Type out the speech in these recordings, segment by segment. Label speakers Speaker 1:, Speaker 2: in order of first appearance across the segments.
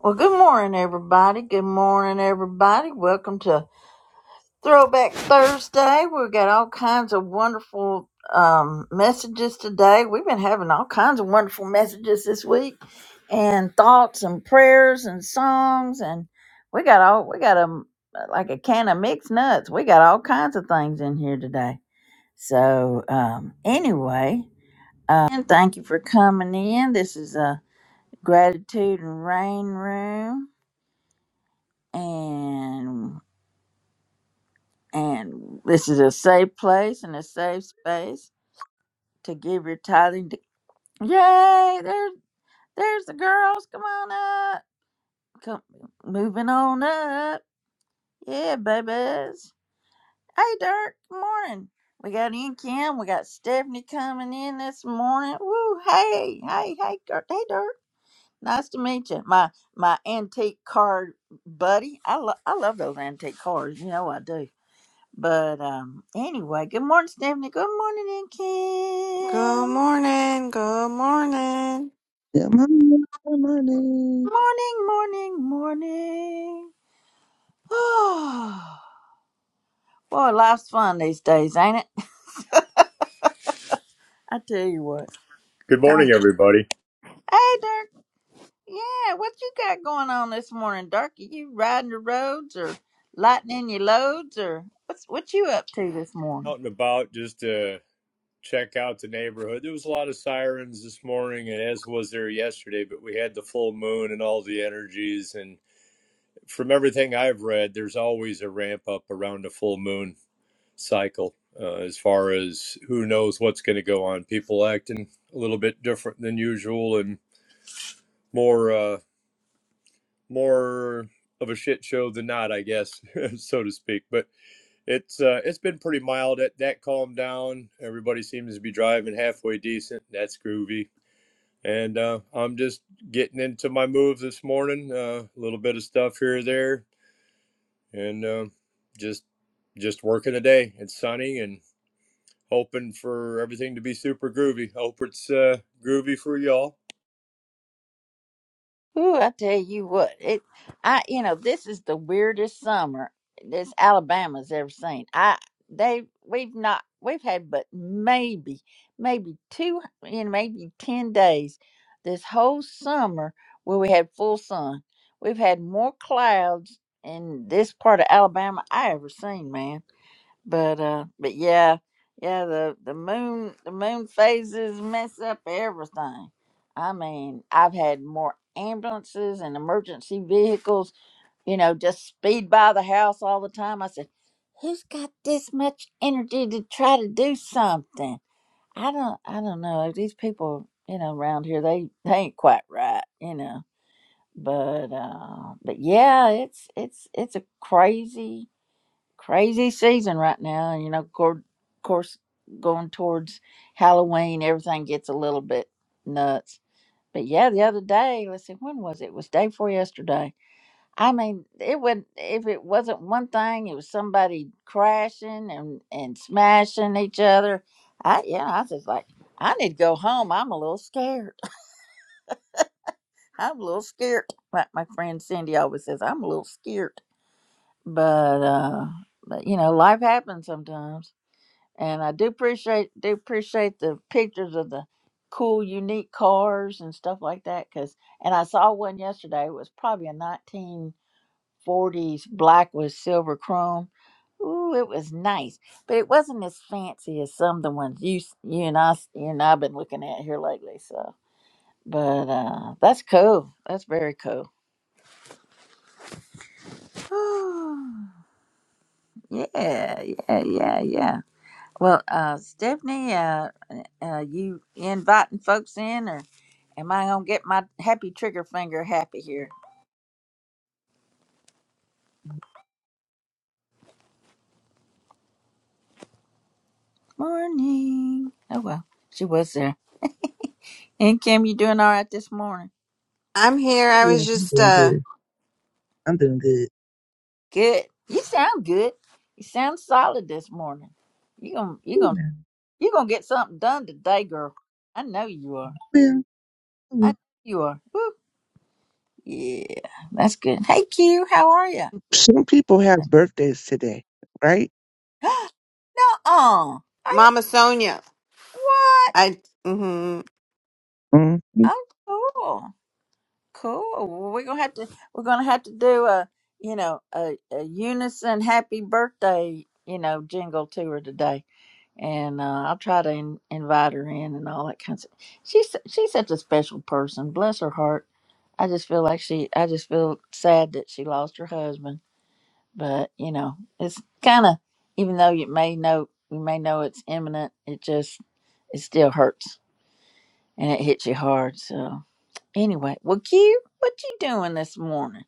Speaker 1: Well, good morning, everybody. Good morning, everybody. Welcome to Throwback Thursday. We've got all kinds of wonderful um, messages today. We've been having all kinds of wonderful messages this week, and thoughts and prayers and songs, and we got all we got a like a can of mixed nuts. We got all kinds of things in here today. So um, anyway, uh, and thank you for coming in. This is a gratitude and rain room and and this is a safe place and a safe space to give your tithing. To, yay! There's there's the girls. Come on up. Come moving on up. Yeah, babies. Hey, Dirk. Good morning. We got in Kim. We got Stephanie coming in this morning. Woo! Hey, hey, hey, Dirk. Hey, Dirk. Nice to meet you, my my antique card buddy. I love I love those antique cars. You know I do. But um, anyway, good morning, Stephanie. Good morning, and
Speaker 2: Good
Speaker 1: Kim.
Speaker 2: morning. Good morning.
Speaker 3: Yeah, my money, my money.
Speaker 1: Morning, morning, morning. Oh, Boy, life's fun these days, ain't it? I tell you what.
Speaker 4: Good morning, everybody.
Speaker 1: Hey, Dirk. Yeah, what you got going on this morning, Dirk? Are you riding the roads or lightening your loads or what's what you up to this morning?
Speaker 4: Out and about just to check out the neighborhood. There was a lot of sirens this morning, and as was there yesterday, but we had the full moon and all the energies. And from everything I've read, there's always a ramp up around a full moon cycle uh, as far as who knows what's going to go on. People acting a little bit different than usual and more, uh, more of a shit show than not, I guess, so to speak. But It's uh, it's been pretty mild. That that calmed down. Everybody seems to be driving halfway decent. That's groovy. And uh, I'm just getting into my moves this morning. uh, A little bit of stuff here or there, and uh, just just working a day. It's sunny and hoping for everything to be super groovy. Hope it's uh, groovy for y'all.
Speaker 1: Ooh, I tell you what, it I you know, this is the weirdest summer this Alabama's ever seen. I they we've not we've had but maybe maybe two in maybe ten days this whole summer where we had full sun. We've had more clouds in this part of Alabama I ever seen, man. But uh, but yeah, yeah. The the moon the moon phases mess up everything. I mean, I've had more ambulances and emergency vehicles, you know, just speed by the house all the time. I said, who's got this much energy to try to do something? I don't I don't know. These people, you know, around here they they ain't quite right, you know. But uh, but yeah, it's it's it's a crazy crazy season right now. And, you know, of course, going towards Halloween, everything gets a little bit nuts. But yeah, the other day, let's see, when was it? It was day before yesterday. I mean, it would if it wasn't one thing, it was somebody crashing and and smashing each other. I yeah, I was just like, I need to go home. I'm a little scared. I'm a little scared. Like my friend Cindy always says, I'm a little scared. But uh, but you know, life happens sometimes and I do appreciate do appreciate the pictures of the cool, unique cars and stuff like that. Cause and I saw one yesterday. It was probably a nineteen forties black with silver chrome. Ooh, it was nice, but it wasn't as fancy as some of the ones you s- you and I s- you and I've been looking at here lately. So, but uh, that's cool. That's very cool. yeah, yeah, yeah, yeah. Well, uh, Stephanie, uh, uh, you inviting folks in, or am I gonna get my happy trigger finger happy here? Morning. Oh well, she was there. And Kim, you doing all right this morning?
Speaker 2: I'm here.
Speaker 3: Oh
Speaker 2: I was
Speaker 3: yes, I'm
Speaker 2: just
Speaker 3: doing
Speaker 2: uh
Speaker 3: good. I'm doing good.
Speaker 1: Good. You sound good. You sound solid this morning. You gonna you gonna
Speaker 3: Amen.
Speaker 1: you gonna get something done today, girl. I know you are.
Speaker 3: Yeah,
Speaker 1: I
Speaker 3: okay.
Speaker 1: know you are. Woo. Yeah, that's good. Hey, Q, how are you?
Speaker 3: Some people have birthdays today, right?
Speaker 1: no, uh, are you
Speaker 2: Mama Sonia.
Speaker 1: what?
Speaker 2: I hmm
Speaker 3: Mm-hmm.
Speaker 1: Oh, cool. Cool. Well, we're gonna have to we're gonna have to do a you know a, a unison happy birthday you know jingle to her today, and uh, I'll try to in, invite her in and all that kind of. She's she's such a special person. Bless her heart. I just feel like she. I just feel sad that she lost her husband, but you know it's kind of even though you may know you may know it's imminent, it just it still hurts and it hits you hard. So anyway, well, Q, what you doing this morning?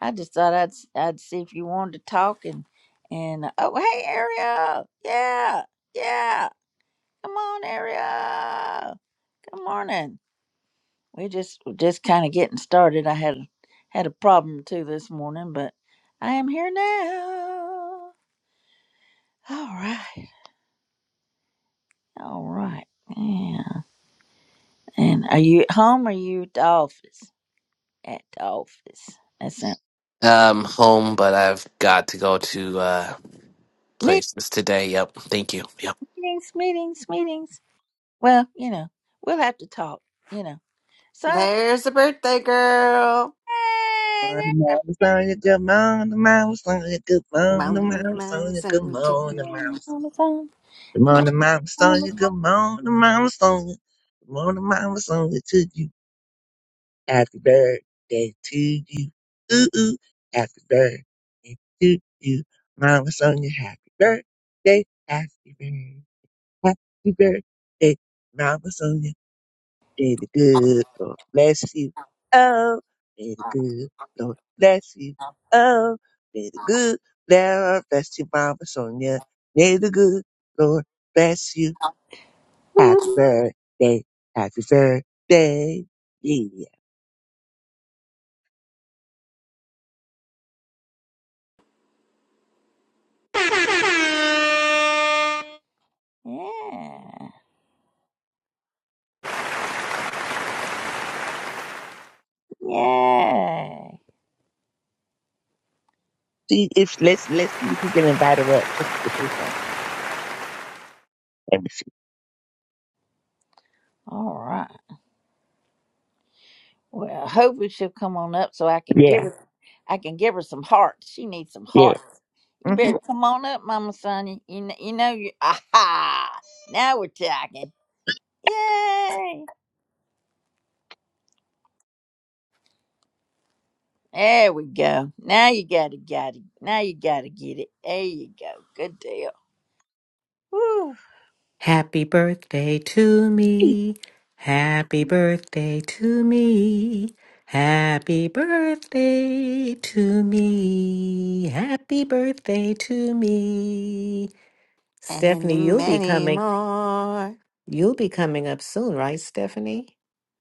Speaker 1: I just thought I'd i I'd see if you wanted to talk and and uh, oh hey Ariel, yeah yeah, come on Ariel, good morning. We just we're just kind of getting started. I had had a problem too this morning, but I am here now. All right, all right. Yeah. And are you at home? Or are you at the office? At the office. That's
Speaker 5: Um, home, but I've got to go to uh
Speaker 1: it.
Speaker 5: places today. Yep. Thank you. Yep.
Speaker 1: meetings, meetings, meetings. Well, you know, we'll have to talk, you know. So,
Speaker 2: there's a birthday girl.
Speaker 3: Good
Speaker 1: hey, there's
Speaker 3: morning, Sonya. Good morning, Mama Sonya. Good morning,
Speaker 2: Mama,
Speaker 3: Mama
Speaker 2: Mama
Speaker 3: Sonya. Good
Speaker 2: Sonia
Speaker 1: a-
Speaker 2: too.
Speaker 3: morning, Mama Sonya.
Speaker 1: on the phone.
Speaker 3: Good morning, Mama
Speaker 1: on
Speaker 3: Sonya.
Speaker 1: the phone.
Speaker 3: Good morning, Mama Sonya. Good morning, Mama Sonya. Happy birthday to you. Ooh, ooh. Happy birthday to you. Mama Sonia, happy birthday. Happy birthday. Happy birthday. Mama Sonia, may the good Lord bless you. Oh, may the good Lord bless you. Oh, may the good Lord bless you, Mama Sonia. May the good Lord bless you. Happy birthday. Happy birthday. Yeah.
Speaker 1: Yeah. Yay.
Speaker 3: See if let's let's see if we can invite her up so she can say something. Let me see.
Speaker 1: All right. Well, hopefully she'll come on up so I can give
Speaker 3: Yeah,
Speaker 1: her I can give her some hearts. She needs some
Speaker 3: yeah.
Speaker 1: hearts. You
Speaker 3: hmm
Speaker 1: better come on up, Mama Sonia. You know, you know you aha. Now we're talking. Yay. There we go. Now you gotta got it. Now you gotta get it. There you go. Good deal. Woo.
Speaker 6: Happy birthday to me. Happy birthday to me. Happy birthday to me. Happy birthday to me. Stephanie,
Speaker 2: And
Speaker 6: you'll be
Speaker 2: many
Speaker 6: coming.
Speaker 2: more.
Speaker 6: You'll be coming up soon, right, Stephanie?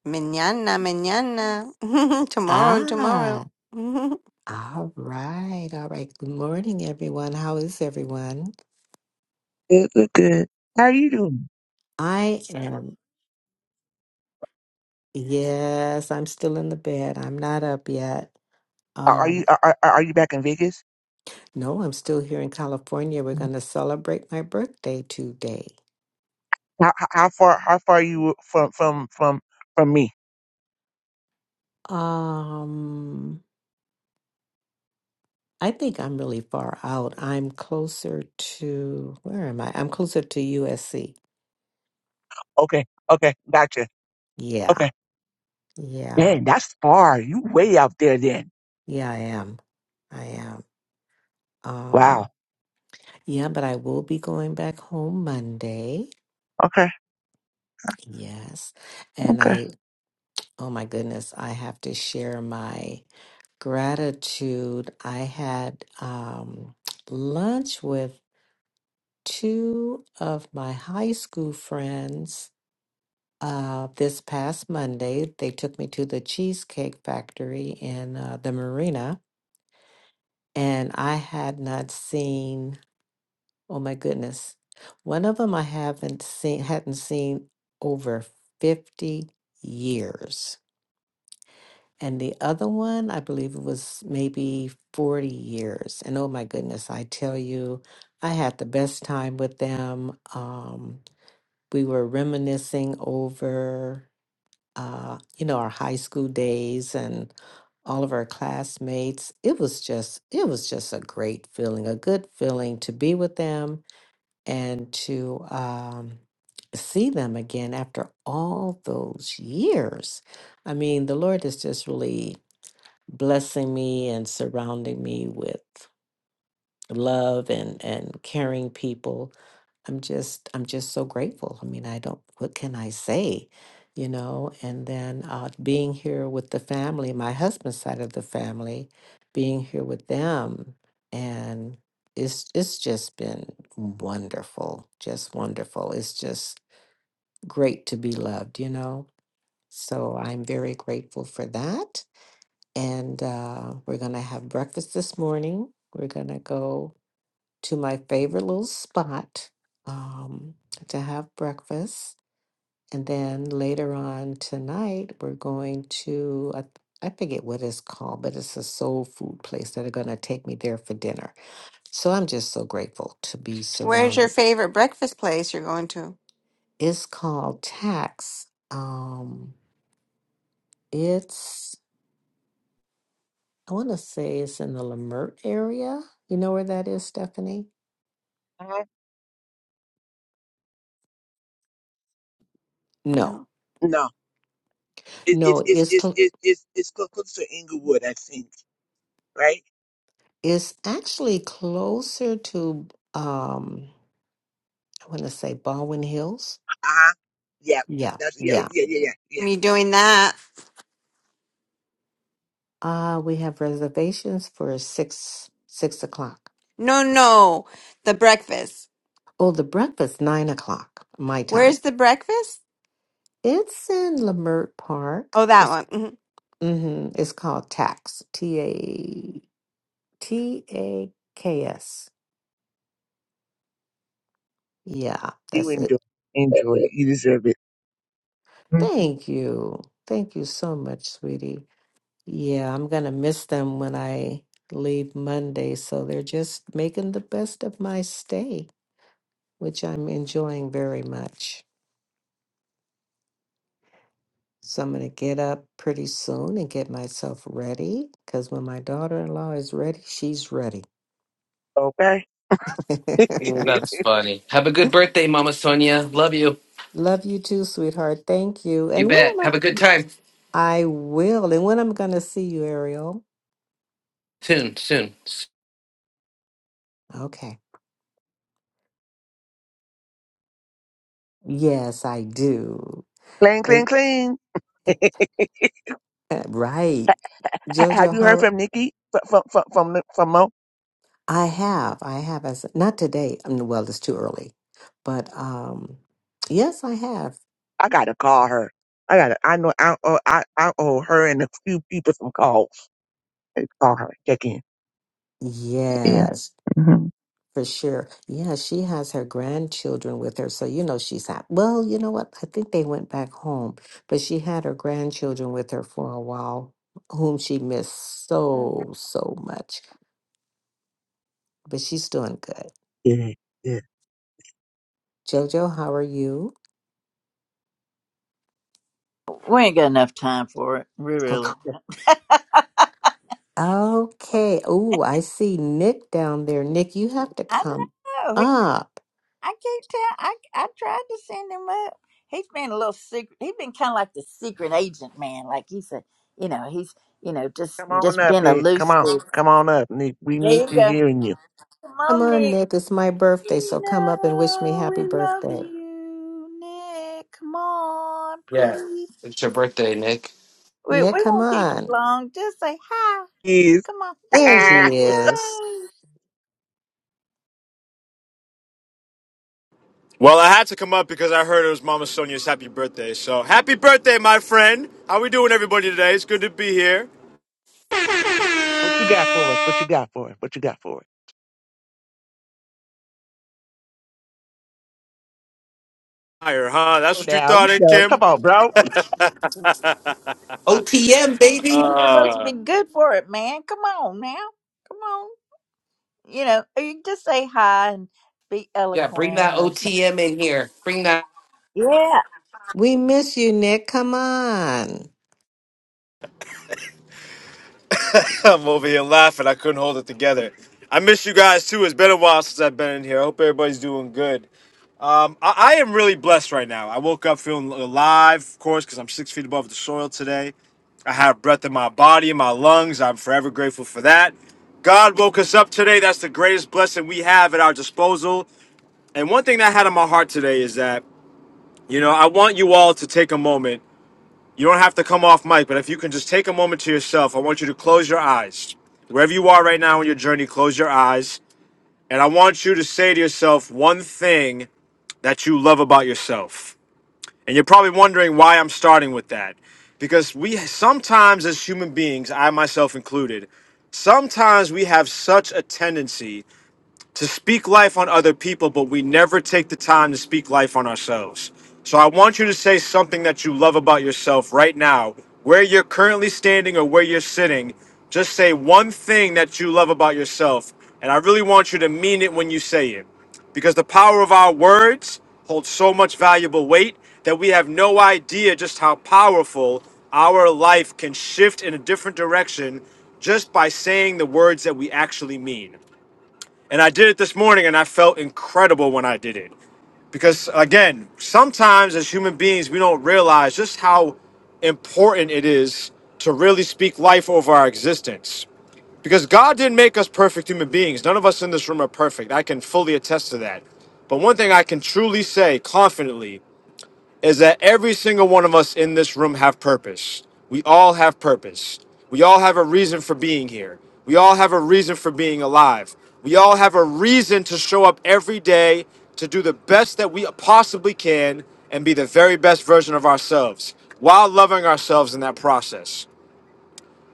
Speaker 2: Manana, manana. tomorrow, tomorrow.
Speaker 6: Ah, all right. All right. Good morning, everyone. How is everyone?
Speaker 3: Good, good, good. How you doing?
Speaker 6: I am, yes, I'm still in the bed. I'm not up yet.
Speaker 3: Are are
Speaker 6: Um,
Speaker 3: you are, are are you back in Vegas?
Speaker 6: No, I'm still here in California. We're going to celebrate my birthday today.
Speaker 3: How how how far how far are you from from from from me?
Speaker 6: Um, I think I'm really far out. I'm closer to, where am I? I'm closer to USC.
Speaker 3: Okay, okay, gotcha.
Speaker 6: Yeah.
Speaker 3: Okay,
Speaker 6: Yeah.
Speaker 3: man, that's far. You way out there then.
Speaker 6: Yeah, I am. I am.
Speaker 3: Wow.
Speaker 6: Um, yeah, but I will be going back home Monday.
Speaker 3: Okay,
Speaker 6: Yes. And
Speaker 3: okay.
Speaker 6: I, oh my goodness, I have to share my gratitude. I had um lunch with two of my high school friends uh, this past Monday. They took me to the Cheesecake Factory in uh, the marina, and I had not seen, oh my goodness, one of them I haven't seen, hadn't seen over 50 years. And the other one, I believe it was maybe 40 years. And oh my goodness, I tell you, I had the best time with them. Um, we were reminiscing over, uh, you know, our high school days and all of our classmates. It was just, it was just a great feeling, a good feeling to be with them and to um, see them again after all those years. I mean, the Lord is just really blessing me and surrounding me with love and and caring people i'm just i'm just so grateful i mean i don't what can i say you know and then uh being here with the family my husband's side of the family being here with them and it's it's just been wonderful just wonderful it's just great to be loved you know so i'm very grateful for that and uh, we're gonna have breakfast this morning we're gonna go to my favorite little spot um, to have breakfast. And then later on tonight, we're going to, I, I forget what it's called, but it's a soul food place that are going to take me there for dinner. So I'm just so grateful to be
Speaker 2: Where's your
Speaker 6: surrounded.
Speaker 2: favorite breakfast place you're going to?
Speaker 6: It's called Tax. Um, it's, I want to say it's in the Lamert area. You know where that is, Stephanie?
Speaker 3: Mhm.
Speaker 6: No.
Speaker 2: Um,
Speaker 3: No, it, it,
Speaker 6: No,
Speaker 3: it's
Speaker 6: it's cl-
Speaker 3: it's it's it's it's clo- close to Inglewood, I think. Right?
Speaker 6: It's actually closer to um I want to say Baldwin Hills.
Speaker 3: Uh huh. Yeah.
Speaker 6: Yeah,
Speaker 3: That's yeah
Speaker 6: yeah.
Speaker 3: yeah yeah yeah yeah.
Speaker 2: You doing that?
Speaker 6: Uh we have reservations for six six o'clock.
Speaker 2: No, no. The breakfast.
Speaker 6: Oh, the breakfast nine o'clock my time.
Speaker 2: Where's the breakfast?
Speaker 6: It's in Lamert Park.
Speaker 2: Oh, that
Speaker 6: It's
Speaker 2: one. Mm-hmm.
Speaker 6: mm-hmm, it's called Tax T A T A K S. Yeah,
Speaker 3: You
Speaker 6: that's
Speaker 3: enjoy,
Speaker 6: it.
Speaker 3: enjoy it. You deserve it. Mm,
Speaker 6: Thank you. Thank you so much, sweetie. Yeah, I'm gonna miss them when I leave Monday, so they're just making the best of my stay, which I'm enjoying very much. So I'm gonna get up pretty soon and get myself ready, because when my daughter-in-law is ready, she's ready.
Speaker 3: Okay.
Speaker 5: Mm, That's funny. Have a good birthday, Mama Sonia. Love you.
Speaker 6: Love you too, sweetheart. Thank you.
Speaker 5: You
Speaker 6: And when
Speaker 5: bet.
Speaker 6: am I?
Speaker 5: Have a good time.
Speaker 6: I will. And when I'm gonna see you, Ariel?
Speaker 5: Soon, soon.
Speaker 6: Okay. Yes, I do.
Speaker 3: clean, clean,
Speaker 6: And
Speaker 3: clean.
Speaker 6: right.
Speaker 3: Have
Speaker 6: Jojo,
Speaker 3: you heard
Speaker 6: how?
Speaker 3: from Nikki? From from from from, Ni- from Mo?
Speaker 6: I have, I have as not today. um, Well, it's too early, but um, yes, I have.
Speaker 3: I gotta call her. I gotta. I know. I owe, I I owe her and a few people some calls. I gotta Call her. Check in. Yeah.
Speaker 6: Yes,
Speaker 3: hmm
Speaker 6: for sure. Yeah, she has her grandchildren with her, so you know she's happy. Well, you know what? I think they went back home, but she had her grandchildren with her for a while, whom she missed so so much. But she's doing good.
Speaker 3: Yeah. Yeah.
Speaker 6: Jojo, how are you?
Speaker 1: We ain't got enough time for it. We really.
Speaker 6: Okay. Okay. Oh, I see Nick down there. Nick, you have to
Speaker 1: I
Speaker 6: come
Speaker 1: know. He,
Speaker 6: up.
Speaker 1: I can't tell. I I tried to send him up. He's been a little secret. He's been kind of like the secret agent man. Like he's a, you know, he's you know just
Speaker 3: Come on
Speaker 1: just
Speaker 3: up,
Speaker 1: been
Speaker 3: Nick. Come on.
Speaker 1: elusive.
Speaker 3: Come on up, Nick. We
Speaker 1: There
Speaker 3: miss
Speaker 1: you
Speaker 3: you
Speaker 1: go.
Speaker 3: hearing you.
Speaker 1: Come
Speaker 6: Come
Speaker 1: on,
Speaker 6: on,
Speaker 1: Nick.
Speaker 6: Nick. It's my
Speaker 1: We
Speaker 6: birthday, so come up and wish me
Speaker 1: know
Speaker 6: happy
Speaker 1: we love
Speaker 6: birthday.
Speaker 1: you, Nick. Come on,
Speaker 5: Yeah.
Speaker 1: please.
Speaker 5: It's your birthday, Nick.
Speaker 1: We,
Speaker 6: Nick,
Speaker 1: we
Speaker 6: come
Speaker 1: won't keep you
Speaker 6: on.
Speaker 1: long. Just say hi.
Speaker 3: Yes.
Speaker 1: Come on. There
Speaker 6: There
Speaker 1: he is.
Speaker 6: he is.
Speaker 1: Yay.
Speaker 7: Well, I had to come up because I heard it was Mama Sonia's happy birthday. So, happy birthday, my friend. How we doing, everybody, today? It's good to be here.
Speaker 3: what you got for us? What you got for us? What you got for us?
Speaker 7: Higher, huh? That's
Speaker 3: Go
Speaker 7: what you
Speaker 3: down. You
Speaker 7: thought, eh,
Speaker 3: know. Come
Speaker 7: Kim?
Speaker 3: on, bro.
Speaker 5: OTM, baby.
Speaker 1: Supposed to be good for it, man. Come on now. Come on. You know, or you can just say hi and be
Speaker 5: Yeah, bring
Speaker 1: eloquent
Speaker 5: that
Speaker 1: or something.
Speaker 5: OTM in here. Bring that.
Speaker 1: Yeah.
Speaker 6: We miss you, Nick. Come on.
Speaker 7: I'm over here laughing. I couldn't hold it together. I miss you guys, too. It's been a while since I've been in here. I hope everybody's doing good. Um, I-, I am really blessed right now. I woke up feeling alive, of course, because I'm six feet above the soil today. I have breath in my body, in my lungs. I'm forever grateful for that. God woke us up today. That's the greatest blessing we have at our disposal. And one thing that I had on my heart today is that, you know, I want you all to take a moment. You don't have to come off mic, but if you can just take a moment to yourself, I want you to close your eyes. Wherever you are right now on your journey, close your eyes. And I want you to say to yourself one thing that you love about yourself. And you're probably wondering why I'm starting with that. Because we sometimes, as human beings, I myself included, sometimes we have such a tendency to speak life on other people, but we never take the time to speak life on ourselves. So I want you to say something that you love about yourself right now, where you're currently standing or where you're sitting. Just say one thing that you love about yourself. And I really want you to mean it when you say it because the power of our words holds so much valuable weight that we have no idea just how powerful our life can shift in a different direction just by saying the words that we actually mean. And I did it this morning and I felt incredible when I did it. Because again, sometimes as human beings, we don't realize just how important it is to really speak life over our existence. Because God didn't make us perfect human beings. None of us in this room are perfect. I can fully attest to that. But one thing I can truly say confidently is that every single one of us in this room have purpose. We all have purpose. We all have a reason for being here. We all have a reason for being alive. We all have a reason to show up every day to do the best that we possibly can and be the very best version of ourselves while loving ourselves in that process.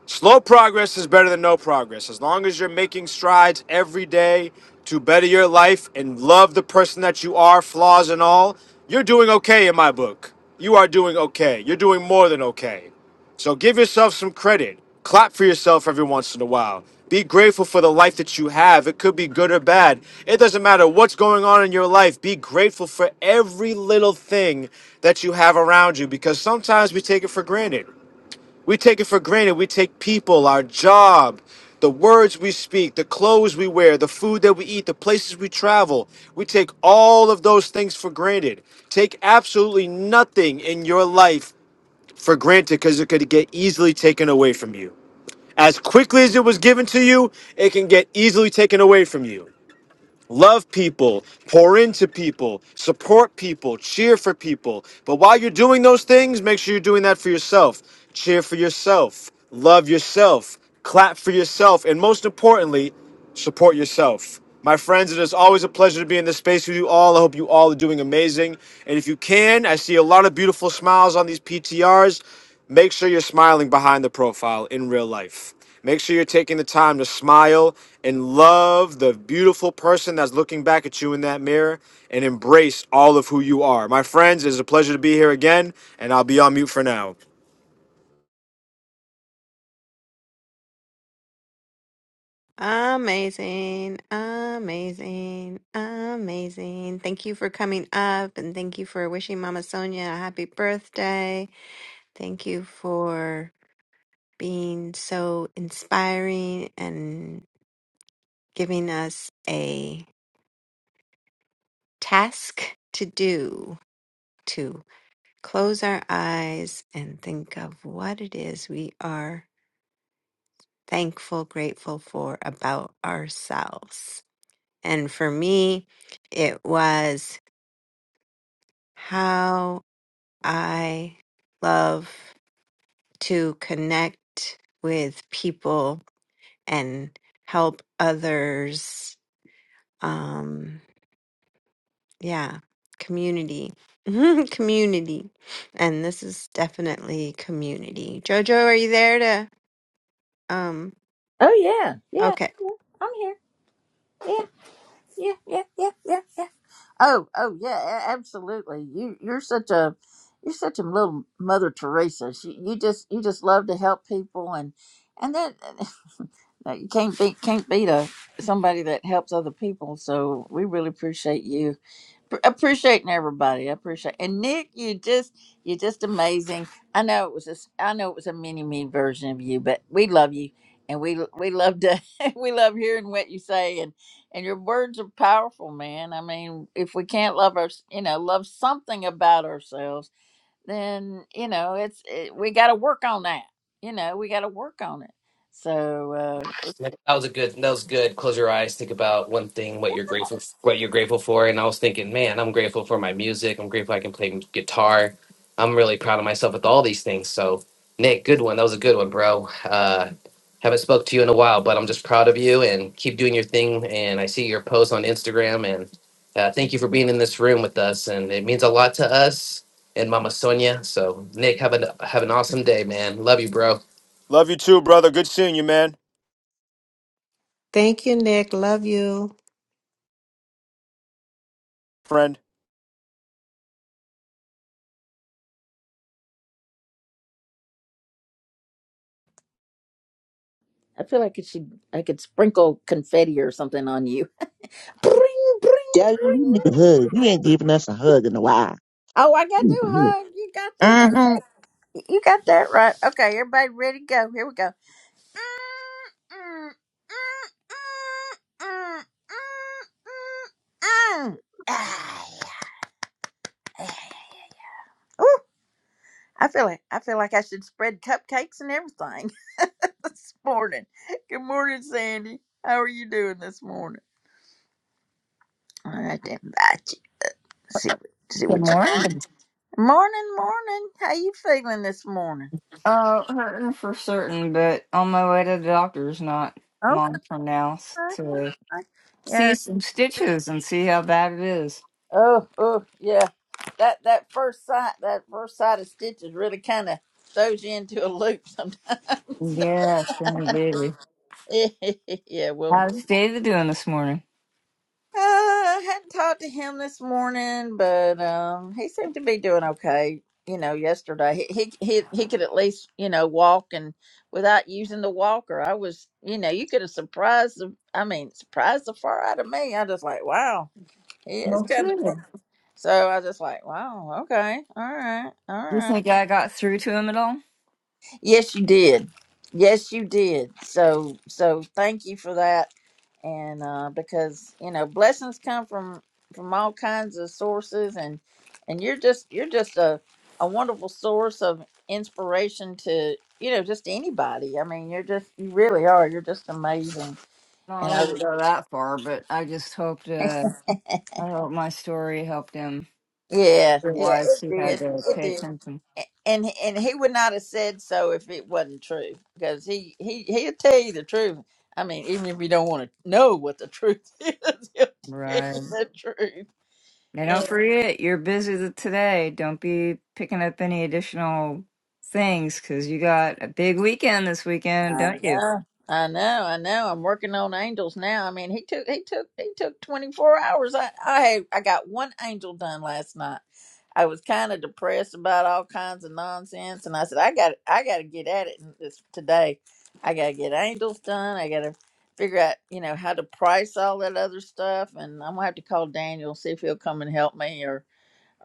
Speaker 7: Slow progress is better than no progress. As long as you're making strides every day to better your life and love the person that you are, flaws and all, you're doing okay in my book. You are doing okay. You're doing more than okay. So give yourself some credit. Clap for yourself every once in a while. Be grateful for the life that you have. It could be good or bad. It doesn't matter what's going on in your life. Be grateful for every little thing that you have around you because sometimes we take it for granted. We take it for granted. We take people, our job, the words we speak, the clothes we wear, the food that we eat, the places we travel. We take all of those things for granted. Take absolutely nothing in your life for granted because it could get easily taken away from you. As quickly as it was given to you, it can get easily taken away from you love people, pour into people, support people, cheer for people. But while you're doing those things, make sure you're doing that for yourself. Cheer for yourself, love yourself, clap for yourself, and most importantly, support yourself. My friends, it is always a pleasure to be in this space with you all. I hope you all are doing amazing. And if you can, I see a lot of beautiful smiles on these PTRs. Make sure you're smiling behind the profile in real life. Make sure you're taking the time to smile and love the beautiful person that's looking back at you in that mirror and embrace all of who you are. My friends, it's a pleasure to be here again, and I'll be on mute for now.
Speaker 2: Amazing, amazing, amazing. Thank you for coming up and thank you for wishing Mama Sonia a happy birthday. Thank you for being so inspiring and giving us a task to do to close our eyes and think of what it is we are thankful, grateful for about ourselves. And for me, it was. how I love to connect with people and help others. Um, yeah, community. community. And this is definitely community. Jojo, are you there to um
Speaker 1: Oh, yeah. Yeah.
Speaker 2: okay.
Speaker 1: yeah. I'm here. Yeah. Yeah. Yeah. Yeah. Yeah. Yeah. Oh, oh, yeah. a- Absolutely. You, you're such a, you're such a little Mother Teresa. She, you just, you just love to help people and, and that. Uh, You can't beat can't beat a somebody that helps other people. So we really appreciate you, Pr- appreciating everybody. I appreciate and Nick, you just you're just amazing. I know it was a, s- I know it was a mini me version of you, but we love you and we we love to we love hearing what you say and and your words are powerful, man. I mean, if we can't love our you know love something about ourselves, then you know it's it, we got to work on that. You know, we got to work on it. So. Uh,
Speaker 5: That was a good. That was good. Close your eyes. Think about one thing. What you're grateful. What you're grateful for. And I was thinking, man, I'm grateful for my music. I'm grateful I can play guitar. I'm really proud of myself with all these things. So, Nick, good one. That was a good one, bro. Uh, haven't spoke to you in a while, but I'm just proud of you and keep doing your thing. And I see your post on Instagram. And uh, thank you for being in this room with us. And it means a lot to us and Mama Sonia. So, Nick, have an have an awesome day, man. Love you, bro.
Speaker 7: Love you too, brother. Good seeing you, man.
Speaker 6: Thank you, Nick. Love you.
Speaker 7: Friend.
Speaker 1: I feel like it should I could sprinkle confetti or something on you. Bring, bring,
Speaker 3: Daddy, you need a
Speaker 1: bring.
Speaker 3: hug. You ain't giving us a hug in a while.
Speaker 1: Oh, I got to do a
Speaker 3: Mm-hmm.
Speaker 1: hug. You got that. You got that right. Okay, everybody ready to go. Here we go. Ooh, I feel like I feel like I should spread cupcakes and everything this morning. Good morning, Sandy. How are you doing this morning? I had to invite you. See, what- see
Speaker 8: Good
Speaker 1: what you.
Speaker 8: morning.
Speaker 1: Morning, morning. How you feeling this morning?
Speaker 8: Uh, hurting for certain, but on my way to the doctor's not
Speaker 1: Okay.
Speaker 8: long from now s- to see
Speaker 1: Yeah.
Speaker 8: some stitches and see how bad it is.
Speaker 1: Oh, oh, yeah. That that first sight, that first sight of stitches really kind of throws you into a loop sometimes.
Speaker 8: Yes, indeed.
Speaker 1: yeah. Well,
Speaker 8: How's David doing this morning?
Speaker 1: Uh, hadn't talked to him this morning, but um, he seemed to be doing okay. You know, yesterday he he he, he could at least you know walk and without using the walker. I was you know you could have surprised the I mean surprised the far out of me. I just like wow he is
Speaker 8: Well,
Speaker 1: kind of
Speaker 8: good.
Speaker 1: so I just like wow okay all right all
Speaker 8: Do you
Speaker 1: right
Speaker 8: think I got through to him at all?
Speaker 1: yes you did yes you did so so thank you for that and uh, because you know blessings come from from all kinds of sources and and you're just you're just a a wonderful source of inspiration to you know just anybody i mean you're just you really are you're just amazing
Speaker 8: No, I
Speaker 1: and i
Speaker 8: wouldn't go that far, but I just hoped uh, I hope my story helped him
Speaker 1: yeah yeah
Speaker 8: realize
Speaker 1: it
Speaker 8: he had
Speaker 1: did
Speaker 8: to
Speaker 1: it
Speaker 8: pay
Speaker 1: did
Speaker 8: attention.
Speaker 1: A- and and he would not have said so if it wasn't true because he he he'll tell you the truth i mean even if you don't want to know what the truth is he'll tell you
Speaker 8: Right.
Speaker 1: the truth
Speaker 8: Now don't forget, you're busy th- today. Don't be picking up any additional things because you got a big weekend this weekend,
Speaker 1: I
Speaker 8: don't you?
Speaker 1: know, I know, I know. I'm working on angels now. I mean, he took, he took, he took 24 hours. I, I, I got one angel done last night. I was kind of depressed about all kinds of nonsense, and I said, I got, I got to get at it this today. I got to get angels done. I got to figure out, you know, how to price all that other stuff, and I'm gonna have to call Daniel see if he'll come and help me, or,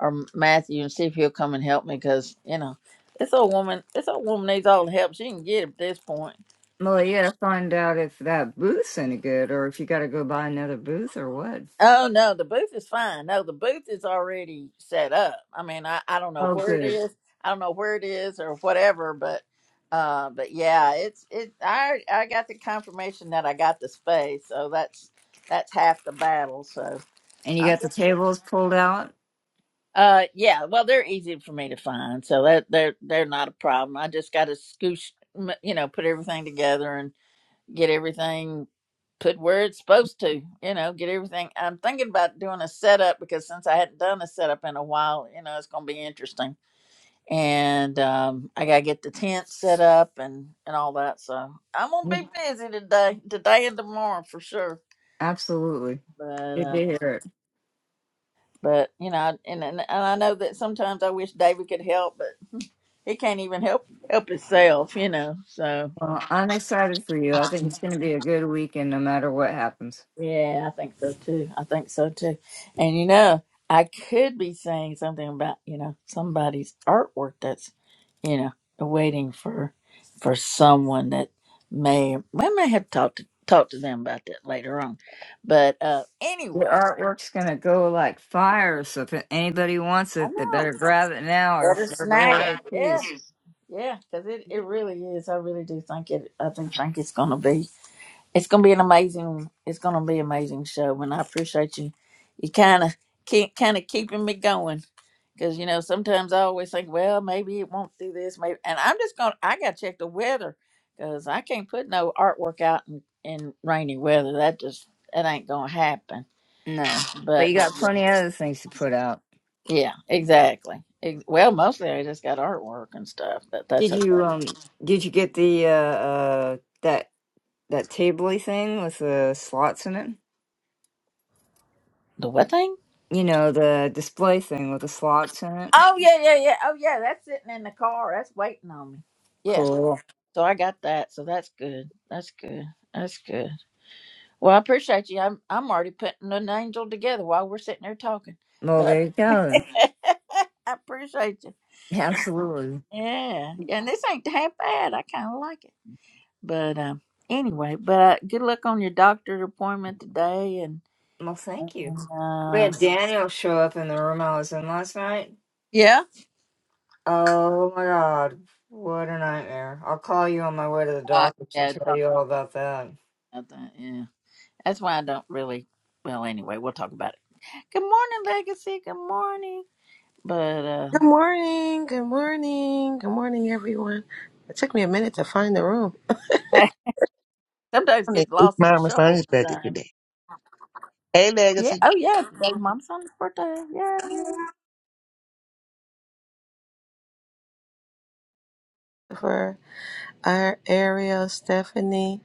Speaker 1: or Matthew and see if he'll come and help me, because you know, this old woman, this old woman needs all the help she can get at this point.
Speaker 8: Well, you gotta find out if that booth's any good or if you gotta go buy another booth or what.
Speaker 1: Oh no, the booth is fine. No, the booth is already set up. I mean, I, I don't know
Speaker 8: Oh,
Speaker 1: where it
Speaker 8: good.
Speaker 1: is. I don't know where it is or whatever, but uh but yeah, it's it I I got the confirmation that I got the space. So that's that's half the battle. So
Speaker 8: And you
Speaker 1: I'm
Speaker 8: got the
Speaker 1: just
Speaker 8: tables pulled out?
Speaker 1: uh yeah, well they're easy for me to find. So that they're they're not a problem. I just got to scoosh m- you know, put everything together get everything put where it's supposed to, you know, get everything. I'm thinking about doing a setup because since I hadn't done a setup in a while, you know, it's going to be interesting. And um, I got to get the tent set up and, and all that. So I'm going to
Speaker 8: Yep.
Speaker 1: be busy today, today and tomorrow for sure.
Speaker 8: Absolutely.
Speaker 1: But,
Speaker 8: Good to
Speaker 1: uh,
Speaker 8: hear it.
Speaker 1: but you know, and, and, and I know that sometimes I wish David could help, but he can't even help help himself, you know. So
Speaker 8: Well, I'm excited for you. I think it's gonna be a good weekend no matter what happens.
Speaker 1: Yeah, I think so too. I think so too. And you know, I could be saying something about, you know, somebody's artwork that's, you know, waiting for for someone that may I may have talked to talk to them about that later on. But uh
Speaker 8: Your
Speaker 1: anyway,
Speaker 8: artwork's gonna go like fire, so if anybody wants
Speaker 1: I
Speaker 8: it, they
Speaker 1: know it.
Speaker 8: better grab it now or
Speaker 1: Better
Speaker 8: forever
Speaker 1: snag
Speaker 8: hold
Speaker 1: it.
Speaker 8: their
Speaker 1: Yeah.
Speaker 8: peace.
Speaker 1: Yeah, because it, it really is. I really do think it I think think it's gonna be. It's gonna be an amazing. It's gonna be an amazing show, and I appreciate you. You kind of keep kind of keeping me going because you know sometimes I always think, well, maybe it won't do this, maybe, and I'm just gonna. I got to check the weather because I can't put no artwork out in, in rainy weather. That just that ain't gonna happen.
Speaker 8: No, but
Speaker 1: But
Speaker 8: you
Speaker 1: but
Speaker 8: got
Speaker 1: yeah,
Speaker 8: plenty of other things to put out.
Speaker 1: yeah exactly. Ex- Well, mostly I just got artwork and stuff, but that's
Speaker 8: Did
Speaker 1: okay.
Speaker 8: you um? Did you get the uh, uh that that tabley thing with the slots in it?
Speaker 1: The what thing?
Speaker 8: You know the display thing with the slots in it.
Speaker 1: Oh yeah, yeah, yeah. Oh yeah, that's sitting in the car. That's waiting on me. Yeah.
Speaker 8: Cool.
Speaker 1: So I got that. So that's good. That's good. That's good. Well, I appreciate you. I'm I'm already putting an angel together while we're sitting there talking.
Speaker 8: Well,
Speaker 1: But
Speaker 8: there you go.
Speaker 1: I, I appreciate you.
Speaker 8: Absolutely.
Speaker 1: Yeah. yeah. And this ain't half bad. I kind of like it. But um, anyway, but uh, good luck on your doctor's appointment today. And,
Speaker 8: Well, thank you.
Speaker 1: and
Speaker 8: We
Speaker 1: uh,
Speaker 8: had Daniel show up in the room I was in last night.
Speaker 1: yeah.
Speaker 8: Oh my god, what a nightmare! I'll call you on my way to the
Speaker 1: Uh,
Speaker 8: doctors and
Speaker 1: yeah.
Speaker 8: tell
Speaker 1: Talk
Speaker 8: you all about that.
Speaker 1: about that. Yeah. That's why I don't really. Well, anyway, we'll talk about it. Good morning, Legacy. Good morning. But uh
Speaker 9: Good morning. Good morning. Good morning, everyone. It took me a minute to find the room
Speaker 1: Sometimes get
Speaker 3: It's
Speaker 1: lost in the
Speaker 3: my
Speaker 1: shuffle
Speaker 3: son's birthday
Speaker 1: sometimes.
Speaker 3: today. Hey,
Speaker 1: Yeah.
Speaker 3: Legacy
Speaker 1: Oh, yeah. Today, mom's son's birthday. Yeah.
Speaker 9: for our Ariel, Stephanie.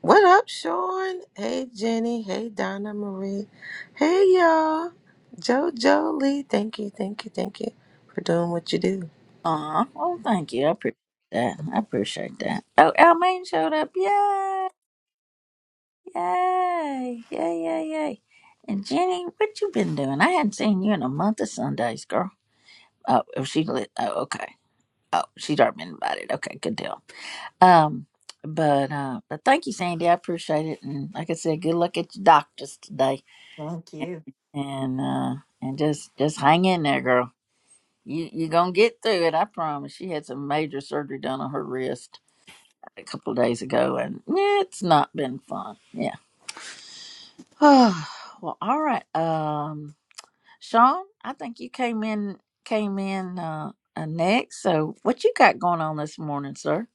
Speaker 9: What up, Sean? Hey, Jenny. Hey, Donna Marie. Hey, y'all. JoJo Lee. Thank you. Thank you. Thank you for doing what you do.
Speaker 1: Aw. Well, thank you. I appreciate that. I appreciate that. Oh, Almaine showed up. Yay. Yay. Yay, yay, yay. And Jenny, what you been doing? I hadn't seen you in a month of Sundays, girl. Oh, oh, she lit. Oh, okay. Oh, she's already been invited. Okay, good deal. Um, but uh, but thank you, Sandy. I appreciate it. And like I said, good luck at your doctors today.
Speaker 8: Thank you.
Speaker 1: and uh and just just hang in there girl you you gonna get through it i promise she had some major surgery done on her wrist a couple of days ago and yeah, it's not been fun yeah well all right um sean i think you came in came in uh, uh next so what you got going on this morning sir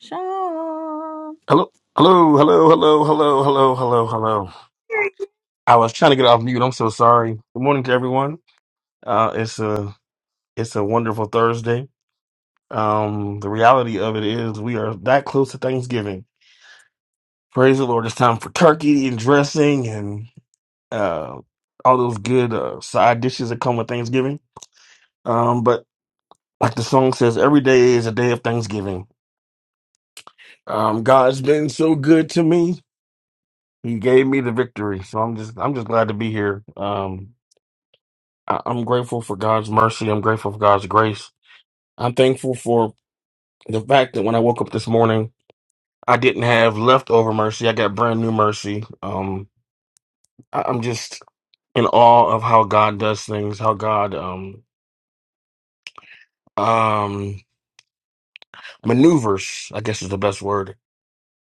Speaker 1: sean
Speaker 10: Hello, hello, hello, hello, hello, hello, hello, hello. I was trying to get off mute. I'm so sorry. Good morning to everyone. Uh, it's a it's a wonderful Thursday. Um, the reality of it is we are that close to Thanksgiving. Praise the Lord! It's time for turkey and dressing and uh, all those good uh, side dishes that come with Thanksgiving. Um, but like the song says, every day is a day of Thanksgiving. Um, God's been so good to me. He gave me the victory, so I'm just I'm just glad to be here. Um, I- I'm grateful for God's mercy. I'm grateful for God's grace. I'm thankful for the fact that when I woke up this morning, I didn't have leftover mercy. I got brand new mercy. Um, I- I'm just in awe of how God does things, how God um um maneuvers. I guess is the best word.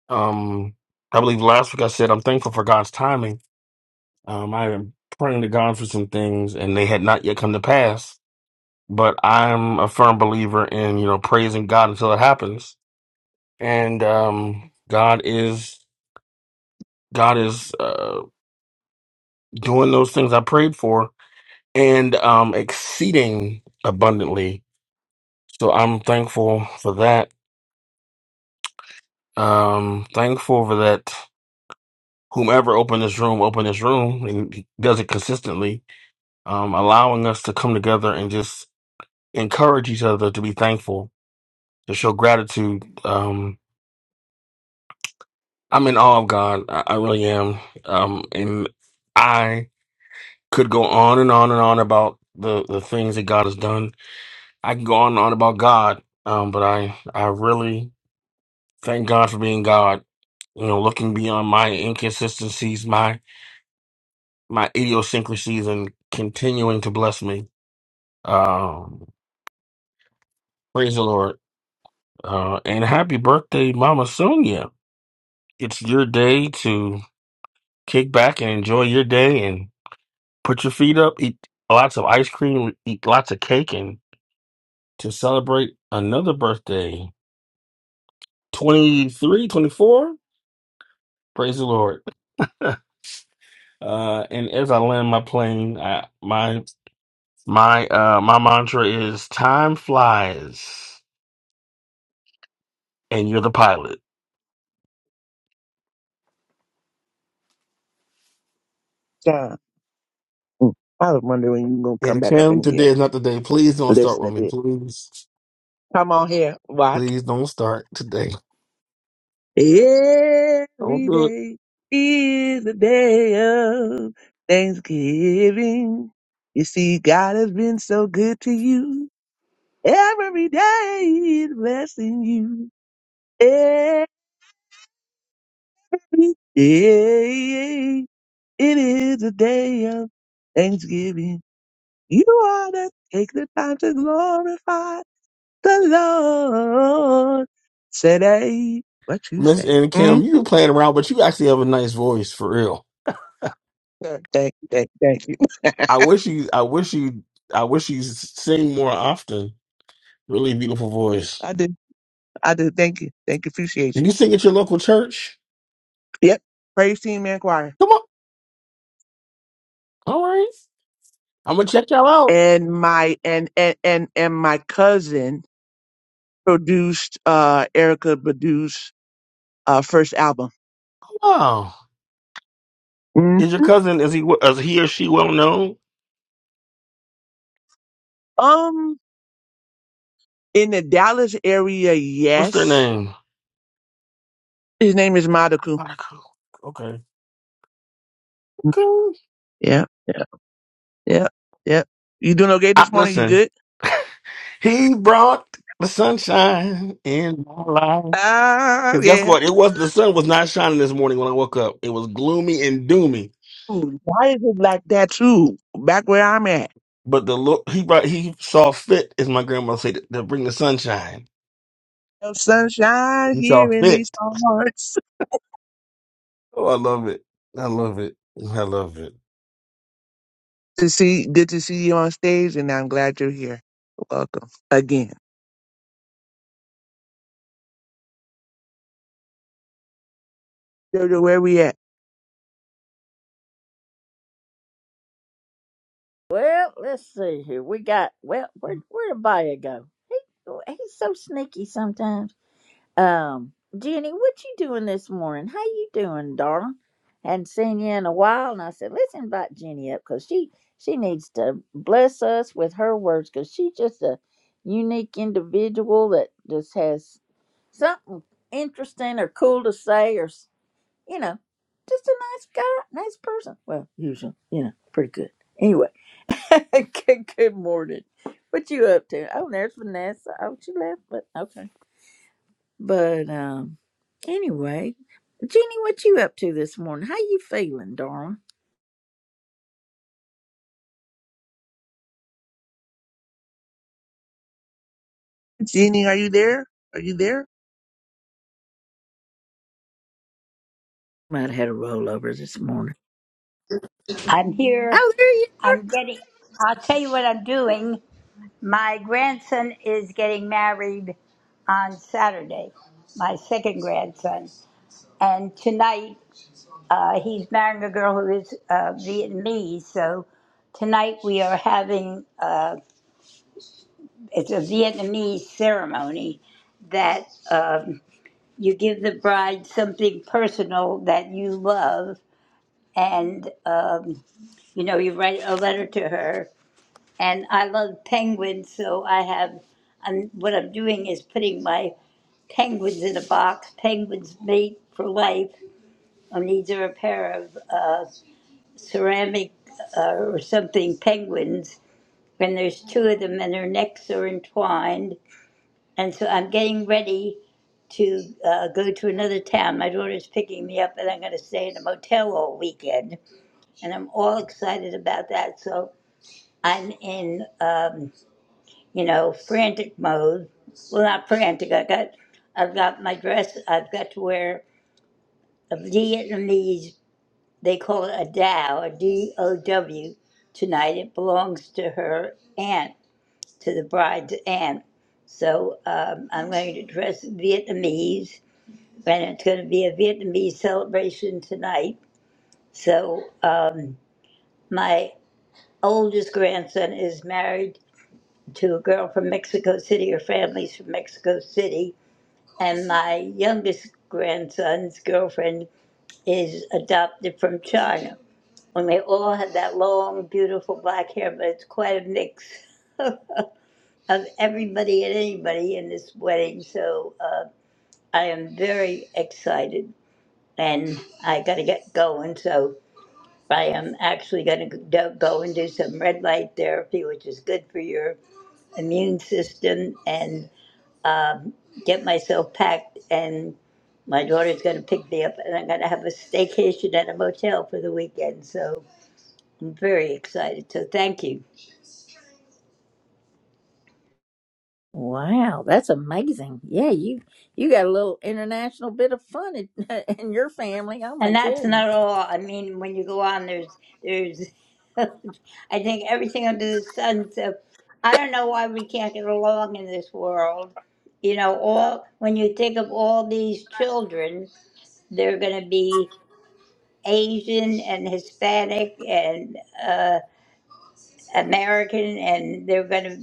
Speaker 10: Um, I believe last week I said I'm thankful for God's timing. Um, I am praying to God for some things, and they had not yet come to pass. But I'm a firm believer in you know praising God until it happens and um, God is God is uh, doing those things I prayed for and um, exceeding abundantly. So I'm thankful for that. Um, thankful for that. Whomever opened this room, opened this room, and he does it consistently, um, allowing us to come together and just encourage each other to be thankful, to show gratitude. Um, I'm in awe of God. I, I really am. Um, and I could go on and on and on about the the things that God has done. I can go on and on about God, um, but I I really thank God for being God. You know, looking beyond my inconsistencies, my my idiosyncrasies, and continuing to bless me. Um, praise the Lord, uh, and happy birthday, Mama Sonia! It's your day to kick back and enjoy your day, and put your feet up, eat lots of ice cream, eat lots of cake, and to celebrate another birthday. 23, 24. Praise the Lord. Uh, and as I land my plane, I, my my uh my mantra is time flies and you're the pilot.
Speaker 3: John. Mm. I was wondering when you gonna come
Speaker 10: And
Speaker 3: back up
Speaker 10: Kim,
Speaker 3: in
Speaker 10: today
Speaker 3: here.
Speaker 10: is not the day. Please don't start
Speaker 3: Listen
Speaker 10: with
Speaker 3: to
Speaker 10: me.
Speaker 3: this.
Speaker 10: Please,
Speaker 3: Come on here, watch.
Speaker 10: please don't start today. Don't
Speaker 3: Every
Speaker 10: do it.
Speaker 3: day is a day of Thanksgiving. You see, God has been so good to you. Every day is blessing you. Every day. It is a day of thanksgiving. You ought to take the time to glorify the Lord. Today, what you
Speaker 10: Miss
Speaker 3: say?
Speaker 10: and
Speaker 3: hmm
Speaker 10: Kim, you playing around, but you actually have a nice voice for real.
Speaker 3: Thank you, thank you, thank you.
Speaker 10: I wish you I wish you I wish you sing more often. Really beautiful voice.
Speaker 3: I do, I do. Thank you, thank you, appreciate
Speaker 10: Can
Speaker 3: you.
Speaker 10: you sing at your local church?
Speaker 3: Yep. Praise team and choir.
Speaker 10: Come on. All right. I'm gonna check y'all out.
Speaker 3: And my and and and, and my cousin produced. uh Erica produced uh first album.
Speaker 10: Wow,
Speaker 3: hmm
Speaker 10: is your cousin is he is he or she well known?
Speaker 3: Um, in the Dallas area,
Speaker 10: What's their
Speaker 3: yes
Speaker 10: name?
Speaker 3: His name is Madaku.
Speaker 10: Monica. Okay, okay.
Speaker 3: Yeah, yeah, yeah, yeah. You doing okay
Speaker 10: I,
Speaker 3: this morning? You
Speaker 10: listen,
Speaker 3: good?
Speaker 10: he brought the sunshine in my life.
Speaker 3: Ah,
Speaker 10: Because guess
Speaker 3: yeah.
Speaker 10: what? It was the sun was not shining this morning when I woke up. It was gloomy and doomy.
Speaker 3: Ooh, Why is it like that too? Back where I'm at.
Speaker 10: But the look he brought, he saw fit, as my grandma said, to, to bring the sunshine.
Speaker 3: No sunshine
Speaker 10: He saw
Speaker 3: here in
Speaker 10: fit.
Speaker 3: these parts.
Speaker 10: Oh, I love it. I love it. I love it.
Speaker 3: To see, good to see you on stage, and I'm glad you're here. Welcome again. Jojo, where we at?
Speaker 1: well let's see here we got well where, where'd abaya go he, oh, he's so sneaky sometimes Um, Jenny, what you doing this morning? How you doing, darling? Hadn't seen you in a while, and I said, let's invite Jenny up because she she needs to bless us with her words because she's just a unique individual that just has something interesting or cool to say or s- you know just a nice guy, nice person. Well, usually, you know, pretty good. Anyway, good, good morning. What you up to? Oh, there's Vanessa. Oh, she left, but okay. But um, anyway, Jenny, what you up to this morning? How you feeling, darling?
Speaker 3: Jenny, are you there? Are you there?
Speaker 1: Might have had a rollover this morning.
Speaker 11: I'm here.
Speaker 1: Oh, there you are!
Speaker 11: I'm getting, I'll tell you what I'm doing. My grandson is getting married on Saturday, my second grandson. And tonight, uh, he's marrying a girl who is uh, Vietnamese. So tonight we are having, uh, it's a Vietnamese ceremony that um, you give the bride something personal that you love. And, um, you know, you write a letter to her and I love penguins, so I have. I'm, what I'm doing is putting my penguins in a box. Penguins mate for life. And these are a pair of uh, ceramic uh, or something penguins. And there's two of them, and their necks are entwined. And so I'm getting ready to uh, go to another town. My daughter's picking me up, and I'm going to stay in a motel all weekend. And I'm all excited about that. So I'm in. Um, you know, frantic mode. Well, not frantic. I got, I've got my dress. I've got to wear a Vietnamese. They call it a Dow, a D O W, tonight. It belongs to her aunt, to the bride's aunt. So um, I'm going to dress Vietnamese, and it's going to be a Vietnamese celebration tonight. So um, my oldest grandson is married to a girl from Mexico City. Her family's from Mexico City and my youngest grandson's girlfriend is adopted from China. And they all have that long, beautiful black hair, but it's quite a mix of everybody and anybody in this wedding. So uh, I am very excited, and I got to get going. So I am actually going to go and do some red light therapy, which is good for your immune system, and um, get myself packed, and my daughter's going to pick me up, and I'm going to have a staycation at a motel for the weekend. So I'm very excited. So thank you.
Speaker 1: Wow, that's amazing. Yeah, you you got a little international bit of fun in, in your family. Oh my
Speaker 11: And that's
Speaker 1: goodness.
Speaker 11: not all. I mean, when you go on, there's there's I think everything under the sun. So I don't know why we can't get along in this world. You know, all when you think of all these children, they're going to be Asian and Hispanic and. uh, American and they're going to,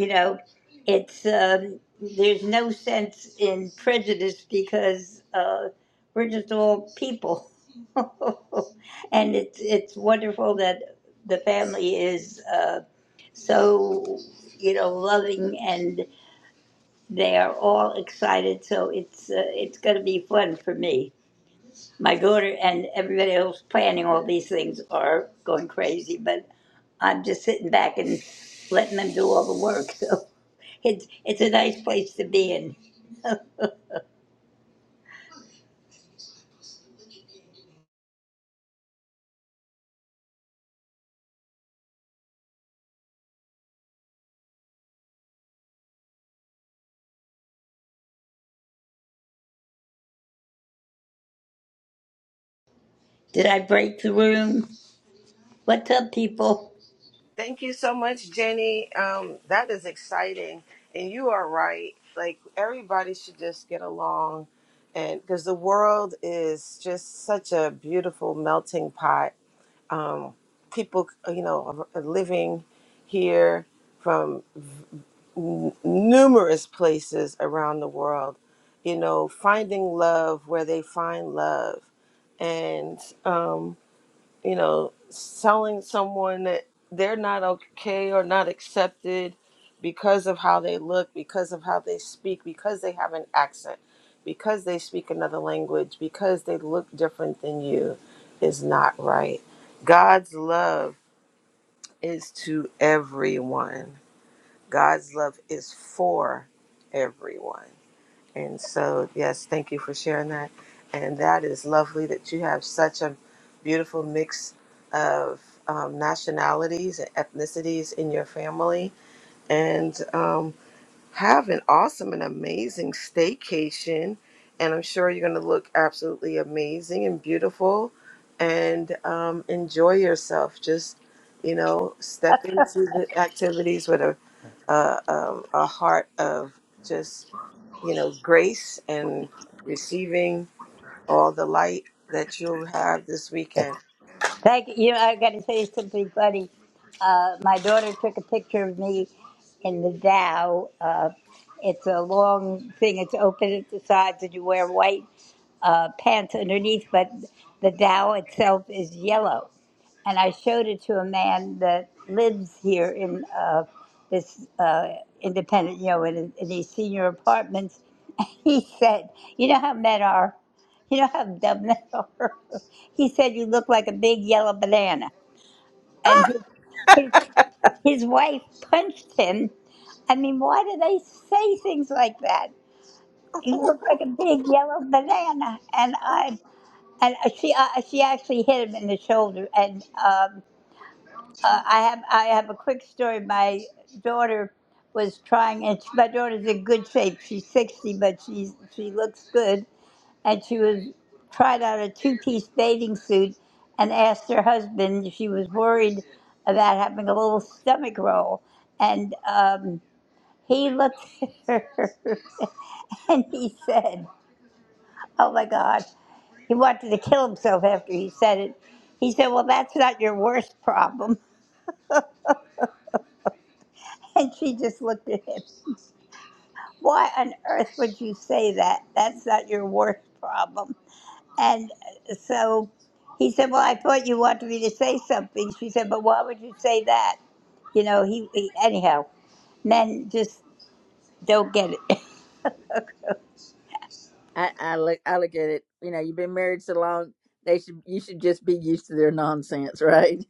Speaker 11: you know, it's, um, there's no sense in prejudice because uh, we're just all people. and it's, it's wonderful that the family is uh, so, you know, loving and they are all excited. So it's, uh, it's going to be fun for me my daughter and everybody else planning all these things are going crazy, but I'm just sitting back and letting them do all the work. So it's it's a nice place to be in. Did I break the room? What's up, people?
Speaker 9: Thank you so much, Jenny. Um, that is exciting, and you are right. Like everybody should just get along, and because the world is just such a beautiful melting pot, um, people, uh, you know, are living here from n- numerous places around the world, you know, finding love where they find love. And, um, you know, telling someone that they're not okay or not accepted because of how they look, because of how they speak, because they have an accent, because they speak another language, because they look different than you is not right. God's love is to everyone, God's love is for everyone. And so, yes, thank you for sharing that. And that is lovely that you have such a beautiful mix of um, nationalities and ethnicities in your family. And um, have an awesome and amazing staycation. And I'm sure you're going to look absolutely amazing and beautiful and um, enjoy yourself. Just, you know, step into the activities with a, uh, um, a heart of just, you know, grace and receiving all the light that you'll have this weekend.
Speaker 11: Thank you. You know, I got to say something funny. Uh, my daughter took a picture of me in the Dow. Uh, it's a long thing. It's open at the sides, and you wear white uh, pants underneath. But the Dow itself is yellow. And I showed it to a man that lives here in uh, this uh, independent, you know, in, in these senior apartments. He said, "You know how men are." You know how dumb they are? He said, You look like a big yellow banana. And his, his wife punched him. I mean, why do they say things like that? You look like a big yellow banana. And I. And she uh, she actually hit him in the shoulder. And um, uh, I have I have a quick story. My daughter was trying, and she, my daughter's in good shape. She's sixty, but she's she looks good and she was tried out a two-piece bathing suit and asked her husband if she was worried about having a little stomach roll and um, he looked at her and he said oh my god he wanted to kill himself after he said it he said well that's not your worst problem and she just looked at him why on earth would you say that that's not your worst problem And so he said, "Well, I thought you wanted me to say something." She said, "But why would you say that?" You know, he, he anyhow. Men just don't get it.
Speaker 1: I, I look I look at it. You know, you've been married so long. They should you should just be used to their nonsense, right?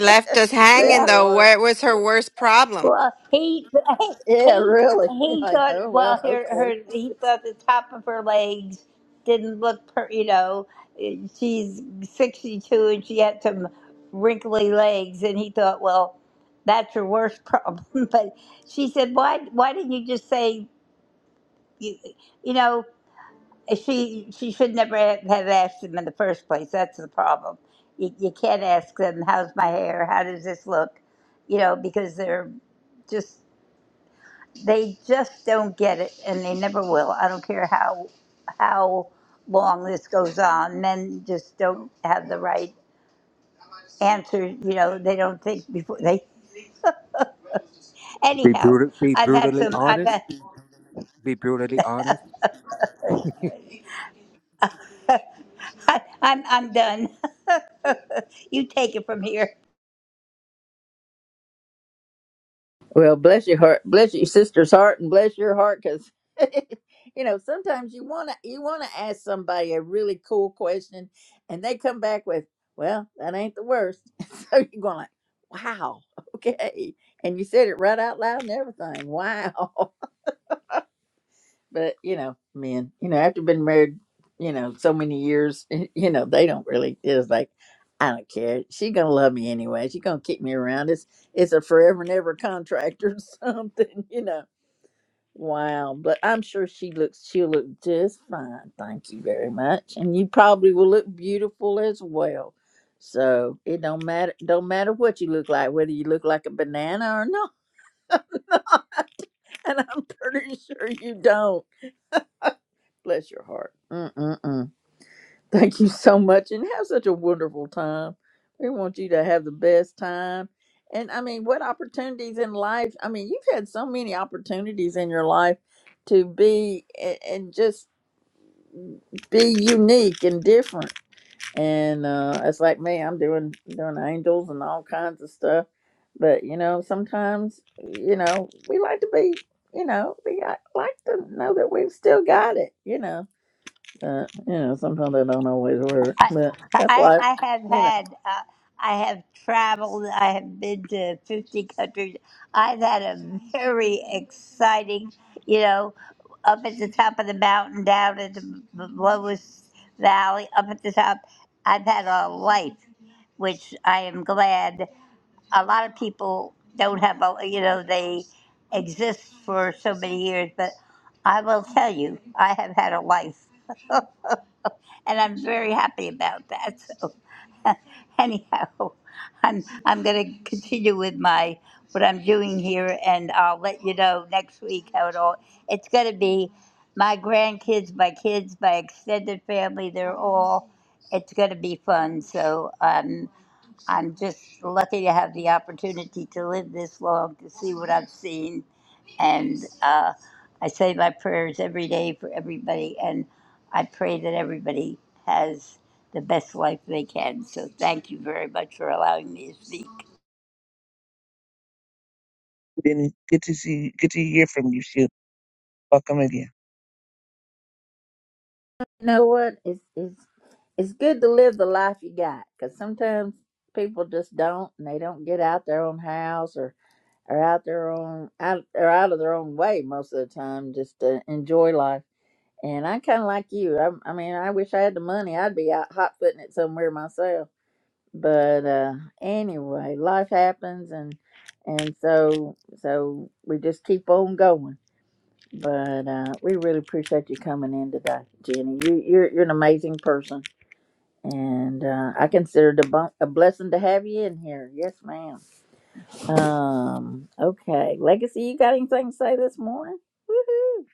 Speaker 2: Left us
Speaker 1: Bless
Speaker 2: hanging
Speaker 11: yeah.
Speaker 1: her
Speaker 2: though.
Speaker 1: heart.
Speaker 2: What was her worst problem?
Speaker 11: Well, he
Speaker 1: Yeah,
Speaker 11: he
Speaker 1: really.
Speaker 11: he
Speaker 1: Like,
Speaker 11: thought
Speaker 1: oh well,
Speaker 11: well her
Speaker 1: okay.
Speaker 11: her he thought the top of her legs didn't look per you know she's sixty two and she had some wrinkly legs and he thought well that's your worst problem but she said why why didn't you just say you, you know, she she should never have asked him in the first place. That's the problem. You, you can't ask them, "How's my hair? How does this look?" You know, because they're just they just don't get it, and they never will. I don't care how how long this goes on. Men just don't have the right answer. You know, they don't think before they.
Speaker 12: Be
Speaker 11: Anyhow,
Speaker 12: brutal. Be
Speaker 11: I've had
Speaker 12: brutally
Speaker 11: some. I've
Speaker 12: honest.
Speaker 11: had.
Speaker 12: Be brutally honest.
Speaker 11: I, I'm I'm done. you take it from here.
Speaker 1: Well, bless your heart, bless your sister's heart, and bless your heart, because you know sometimes you want to you want to ask somebody a really cool question, and they come back with, "Well, that ain't the worst." so you're going like, "Wow, okay," and you said it right out loud and everything. Wow. But you know, men, you know, after been married, you know, so many years, you know, they don't really. It's like, I don't care. She gonna love me anyway. She gonna keep me around. It's it's a forever and ever contract or something, you know. Wow, but I'm sure she looks. She'll look just fine. Thank you very much, and you probably will look beautiful as well. So it don't matter. Don't matter what you look like, whether you look like a banana or not. And I'm pretty sure you don't. Bless your heart. Mm-mm-mm. Thank you so much and have such a wonderful time. We want you to have the best time. And I mean, what opportunities in life? I mean, you've had so many opportunities in your life to be a- and just be unique and different. And uh, it's like me, I'm doing doing angels and all kinds of stuff. But you know, sometimes you know we like to be, you know, we got- like to know that we've still got it. You know, uh, you know, sometimes they don't always work,
Speaker 11: I,
Speaker 1: but that's
Speaker 11: I,
Speaker 1: life.
Speaker 11: I have
Speaker 1: You know,
Speaker 11: had, uh, I have traveled, I have been to 50 countries. I've had a very exciting, you know, up at the top of the mountain, down at the b- b- lowest valley, up at the top. I've had a life, which I am glad. A lot of people don't have, a, you know, they exist for so many years, but I will tell you, I have had a life. and I'm very happy about that. So, anyhow, I'm I'm going to continue with my what I'm doing here, and I'll let you know next week how it all. It's going to be my grandkids, my kids, my extended family. They're all. It's going to be fun. So, um, I'm just lucky to have the opportunity to live this long to see what I've seen. And uh, I say my prayers every day for everybody. And I pray that everybody has the best life they can. So thank you very much for allowing me to speak.
Speaker 3: Jenny, good to see, good to hear from you. Shoot. Welcome again.
Speaker 1: you know what? It's it's it's good to live the life you got, because sometimes people just don't, and they don't get out their own house or are out their own out or out of their own way most of the time, just to enjoy life. And I kind of like you. I, I mean, I wish I had the money. I'd be out hot footing it somewhere myself. But uh, anyway, life happens, and and so so we just keep on going But uh, we really appreciate you coming in today, Jenny. You, you're you're an amazing person, and uh, I consider it a, bu- a blessing to have you in here. Yes, ma'am. Um. Okay, Legacy, you got anything to say this morning? Woohoo!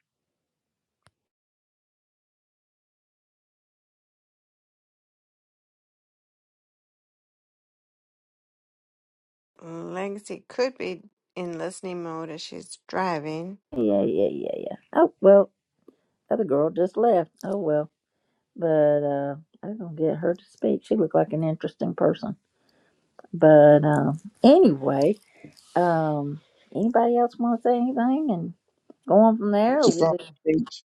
Speaker 2: Legacy could be in listening mode as she's driving.
Speaker 1: Yeah, yeah, yeah, yeah. Oh well, other girl just left. Oh well, but uh, I'm gonna get her to speak. She looked like an interesting person. But um, anyway, um, anybody else want to say anything and go on from there? Or we
Speaker 3: Christopher on
Speaker 1: just
Speaker 3: the stage.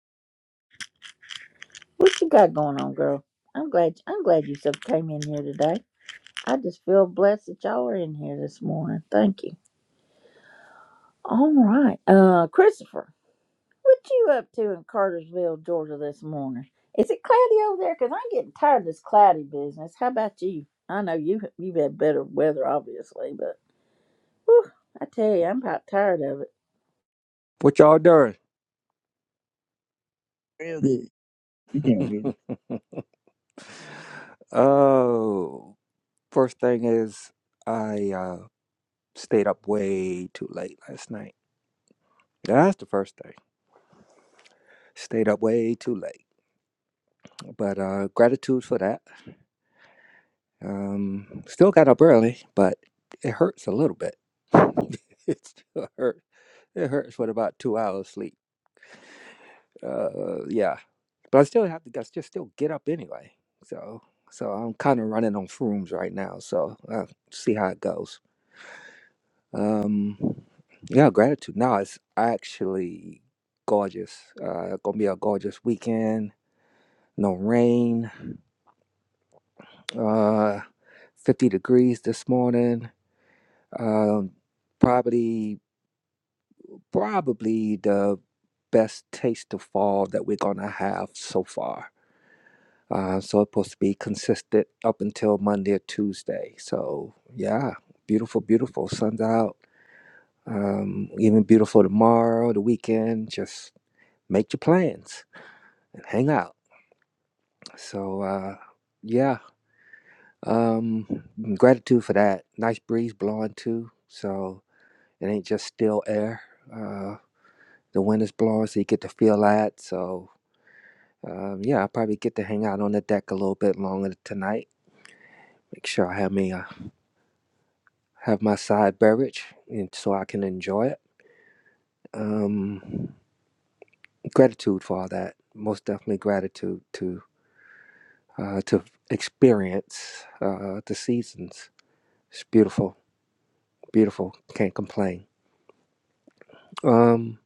Speaker 1: What you got going on, girl? I'm glad I'm glad you sub came in here today. I just feel blessed that y'all are in here this morning. Thank you. All right. Uh Christopher, what you up to in Cartersville, Georgia this morning? Is it cloudy over there? Because I'm getting tired of this cloudy business. How about you? I know you you've had better weather obviously, but whew, I tell you, I'm about tired of it.
Speaker 12: What y'all doing?
Speaker 3: Real good. We're doing really
Speaker 12: Oh, first thing is I uh, stayed up way too late last night. That's the first thing. Stayed up way too late, but uh, gratitude for that. Um, still got up early, but it hurts a little bit. it still hurts. It hurts with about two hours sleep. Uh, yeah, but I still have to. I just still get up anyway. So, so I'm kind of running on fumes right now. So uh, see how it goes. Um, yeah, gratitude. Now it's actually gorgeous. Uh, gonna be a gorgeous weekend. No rain. Uh, 50 degrees this morning. Um, probably, probably the best taste of fall that we're gonna have so far Uh, so it's supposed to be consistent up until Monday or Tuesday. So yeah, beautiful, beautiful. Sun's out. Um, even beautiful tomorrow, the weekend. Just make your plans and hang out. So uh, yeah, um, gratitude for that. Nice breeze blowing too. So it ain't just still air. Uh, the wind is blowing, so you get to feel that. So um, yeah, I probably get to hang out on the deck a little bit longer tonight. Make sure I have me a have my side beverage and so I can enjoy it. Um, gratitude for all that. Most definitely gratitude to uh, to experience uh, the seasons. It's beautiful, beautiful. Can't complain. Um,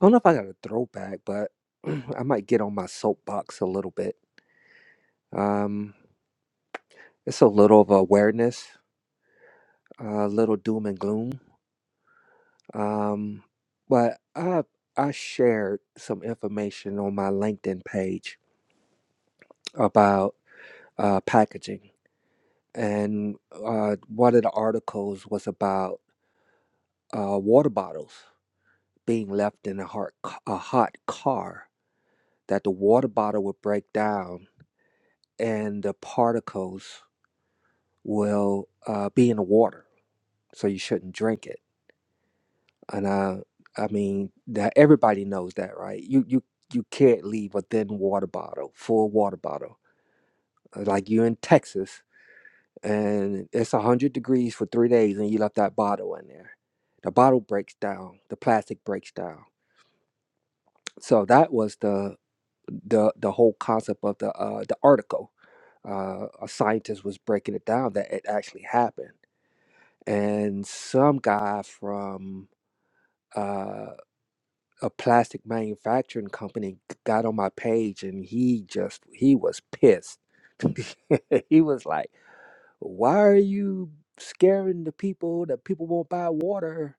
Speaker 12: I don't know if I got a throwback, but I might get on my soapbox a little bit. Um, it's a little of awareness, a little doom and gloom. Um, but I I shared some information on my LinkedIn page about uh, packaging, and uh, one of the articles was about uh, water bottles being left in a hot, a hot car, that the water bottle would break down and the particles will uh, be in the water, so you shouldn't drink it. And uh, I mean that everybody knows that, right? You you you can't leave a thin water bottle, full water bottle, Uh, like you're in Texas. and it's 100 degrees for three days and you left that bottle in there the bottle breaks down the plastic breaks down so that was the the the whole concept of the uh the article uh a scientist was breaking it down that it actually happened and some guy from uh a plastic manufacturing company g- got on my page and he just he was pissed he was like why are you scaring the people that people won't buy water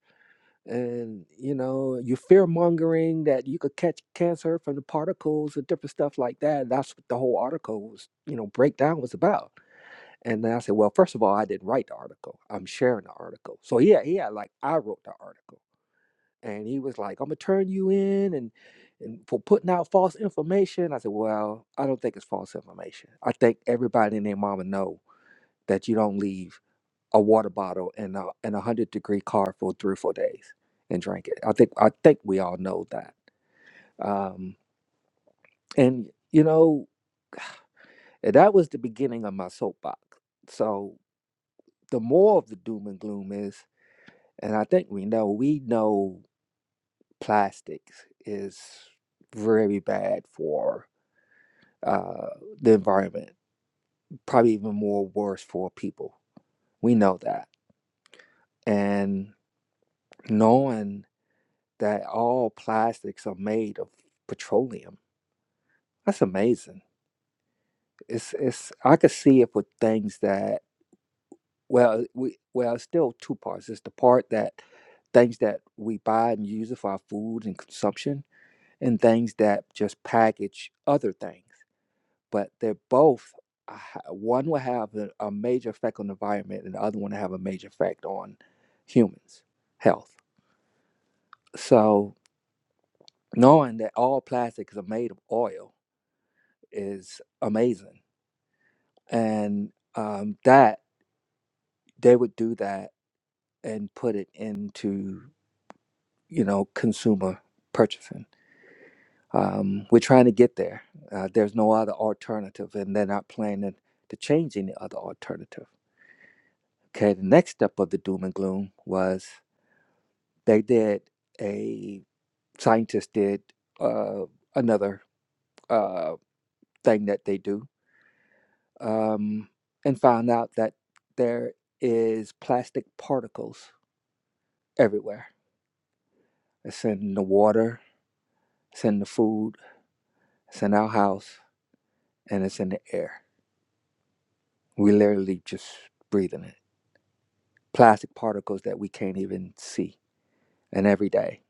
Speaker 12: and you know you fear mongering that you could catch cancer from the particles and different stuff like that that's what the whole article was you know breakdown was about and then i said well first of all i didn't write the article i'm sharing the article so yeah yeah like i wrote the article and he was like i'm gonna turn you in and and for putting out false information i said well i don't think it's false information i think everybody and their mama know that you don't leave a water bottle in a in a hundred degree car for three or four days and drank it. I think I think we all know that. Um, and you know that was the beginning of my soapbox. So the more of the doom and gloom is, and I think we know we know plastics is very bad for uh, the environment. Probably even more worse for people. We know that, and knowing that all plastics are made of petroleum That's amazing. It's it's I could see it with things that well we well it's still two parts. It's the part that things that we buy and use it for our food and consumption, and things that just package other things. But they're both uh, ha- one will have a, a major effect on the environment, and the other one will have a major effect on humans' health. So knowing that all plastics are made of oil is amazing, and um, that they would do that and put it into you know consumer purchasing. Um, we're trying to get there. Uh, there's no other alternative, and they're not planning to change any other alternative. Okay, the next step of the doom and gloom was they did a scientist did uh, another uh, thing that they do um, and found out that there is plastic particles everywhere. It's in the water, it's in the food, it's in our house and it's in the air. We literally just breathing it. Plastic particles that we can't even see. And every day,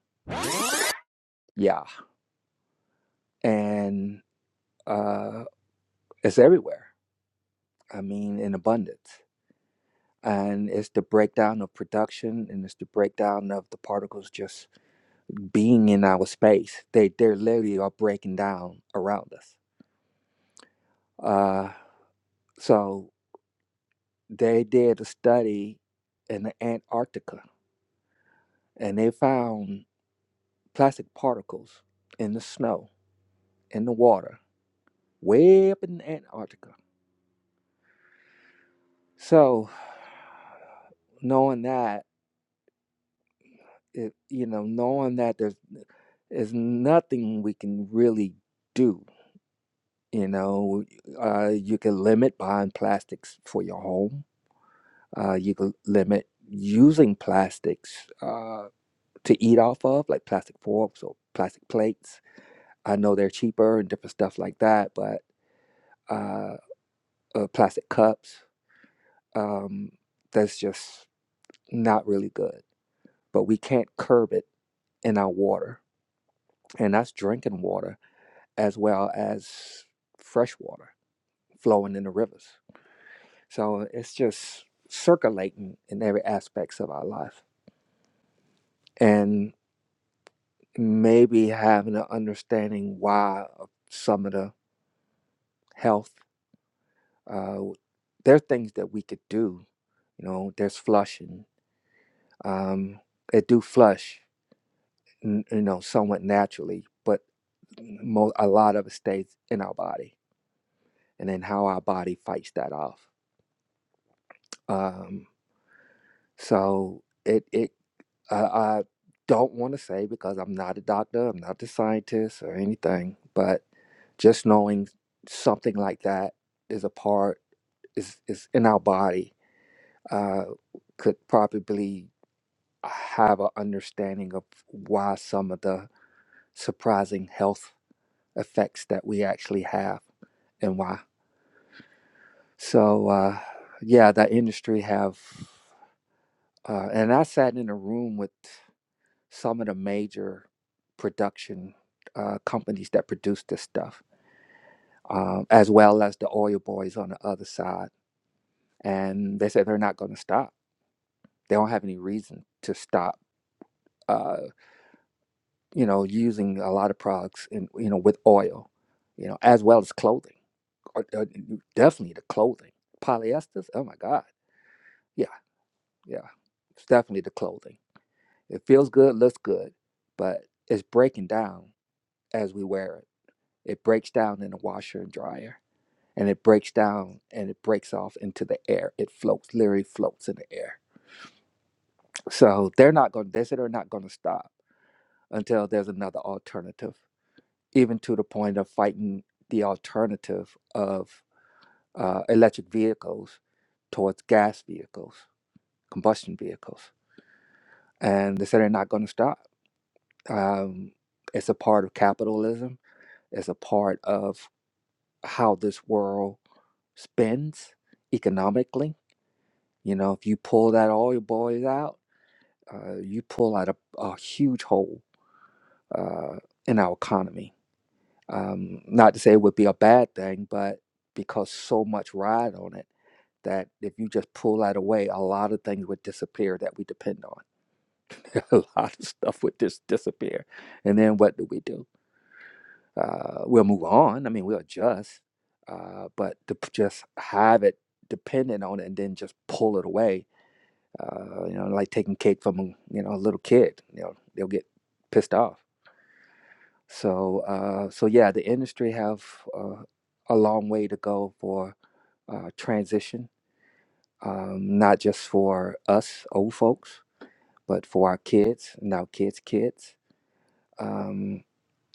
Speaker 12: yeah. And uh, it's everywhere. I mean, in abundance. And it's the breakdown of production, and it's the breakdown of the particles just being in our space. They they literally are breaking down around us. Uh, so they did a study in Antarctica, and they found plastic particles in the snow in the water, way up in Antarctica. So, knowing that, it, you know, knowing that there's there's nothing we can really do. You know, uh, you can limit buying plastics for your home. Uh, you can limit using plastics uh, to eat off of, like plastic forks or plastic plates. I know they're cheaper and different stuff like that, but uh, uh, plastic cups, um, that's just not really good but we can't curb it in our water. And that's drinking water as well as fresh water flowing in the rivers. So it's just circulating in every aspects of our life. And maybe having an understanding why of some of the health, uh, there are things that we could do. You know, there's flushing. Um, it do flush, you know, somewhat naturally, but mo- a lot of it stays in our body and then how our body fights that off. Um, so it it uh, I don't want to say because I'm not a doctor, I'm not a scientist or anything, but just knowing something like that is a part is is in our body uh, could probably have an understanding of why some of the surprising health effects that we actually have and why. So uh, yeah, that industry have. Uh, and I sat in a room with some of the major production uh, companies that produce this stuff, um, as well as the oil boys on the other side. And they said they're not going to stop. They don't have any reason to stop, uh, you know, using a lot of products, in, you know, with oil, you know, as well as clothing, or, or definitely the clothing. Polyesters, oh my God. Yeah, yeah. It's definitely the clothing. It feels good, looks good, but it's breaking down as we wear it. It breaks down in the washer and dryer, and it breaks down and it breaks off into the air. It floats, literally floats in the air. So they're not going. to, They said they're not going to stop until there's another alternative, even to the point of fighting the alternative of uh, electric vehicles towards gas vehicles, combustion vehicles. And they said they're not going to stop. Um, it's a part of capitalism. It's a part of how this world spends economically. You know, if you pull that oil boys out, uh, you pull out a, a huge hole uh, in our economy. Um, not to say it would be a bad thing, but because so much ride on it, that if you just pull that away, a lot of things would disappear that we depend on. a lot of stuff would just disappear. And then what do we do? Uh, we'll move on. I mean, we'll adjust, uh, but to p- just have it dependent on it and then just pull it away uh, you know, like taking cake from a you know a little kid. You know, they'll get pissed off. So uh, so yeah, the industry have uh, a long way to go for uh, transition, um, not just for us old folks, but for our kids and our kids' kids. Um,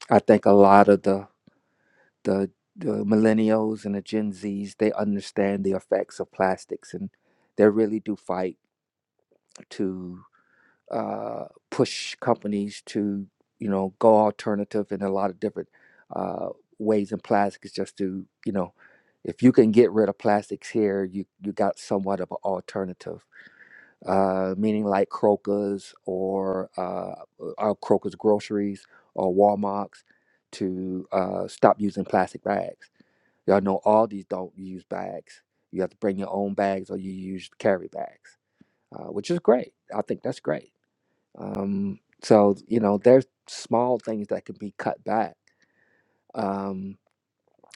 Speaker 12: I think a lot of the the the millennials and the Gen Zs, they understand the effects of plastics, and they really do fight to uh, push companies to you know go alternative in a lot of different uh, ways and plastic is just to you know if you can get rid of plastics here you you got somewhat of an alternative uh, meaning like Kroger's or uh, or Kroger's groceries or Walmart's to uh, stop using plastic bags y'all know all these don't use bags you have to bring your own bags or you use carry bags uh, which is great I think that's great um, so you know, there's small things that can be cut back. Um,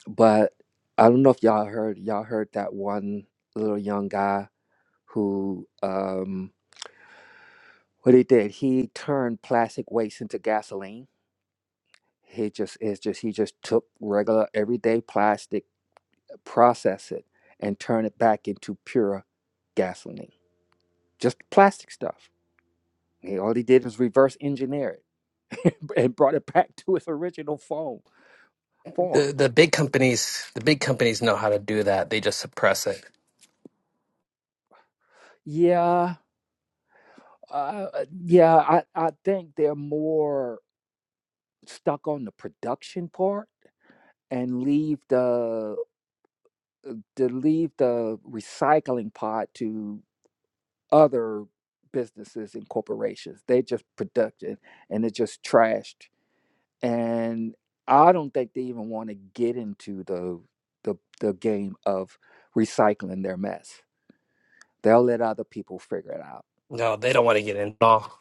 Speaker 12: but I don't know if y'all heard y'all heard that one little young guy who um what he did, he turned plastic waste into gasoline. He just is just he just took regular everyday plastic, process it, and turn it back into pure gasoline. Just plastic stuff. He, all he did was reverse engineer it and brought it back to its original form form
Speaker 5: The the big companies the big companies know how to do that. They just suppress it.
Speaker 12: Yeah, uh, uh, yeah, I, I think they're more stuck on the production part and leave the uh, to leave the recycling part to other businesses and corporations. They just production and it's just trashed. And I don't think they even want to get into the the the game of recycling their mess. They'll let other people figure it out.
Speaker 5: No, they don't want to get in at all.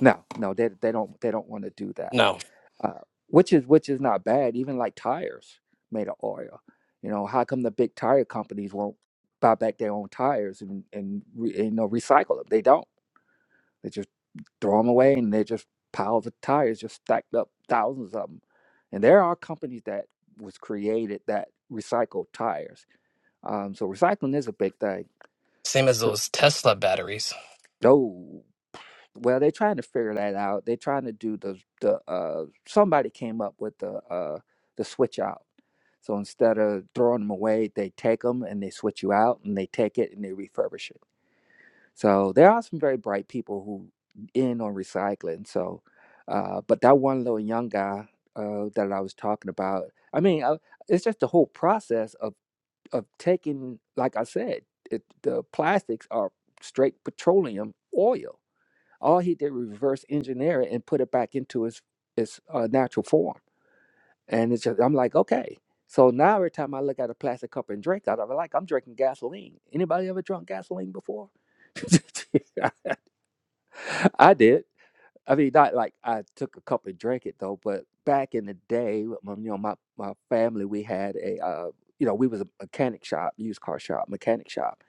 Speaker 12: No, no, they they don't they don't want to do that
Speaker 5: No.
Speaker 12: uh, which is which is not bad. Even like tires made of oil. You know, how come the big tire companies won't buy back their own tires and and, re, you know recycle them? They don't. They just throw them away, and they're just piles of tires just stacked up, thousands of them. And there are companies that was created that recycle tires. Um, so recycling is a big thing.
Speaker 5: Same as those Tesla batteries.
Speaker 12: No. well they're trying to figure that out they're trying to do the the uh somebody came up with the uh the switch out so instead of throwing them away they take them and they switch you out and they take it and they refurbish it so there are some very bright people who in on recycling so uh but that one little young guy uh that i was talking about i mean uh, it's just the whole process of of taking like i said it, the plastics are straight petroleum oil all he did was reverse engineer it and put it back into its its uh, natural form. And it's just I'm like, okay. So now every time I look at a plastic cup and drink out of it, like I'm drinking gasoline. Anybody ever drunk gasoline before? I did. I mean, not like I took a cup and drank it though, but back in the day, with my- you know, my, my family, we had a, uh, you know, we was a mechanic shop, used car shop, mechanic shop.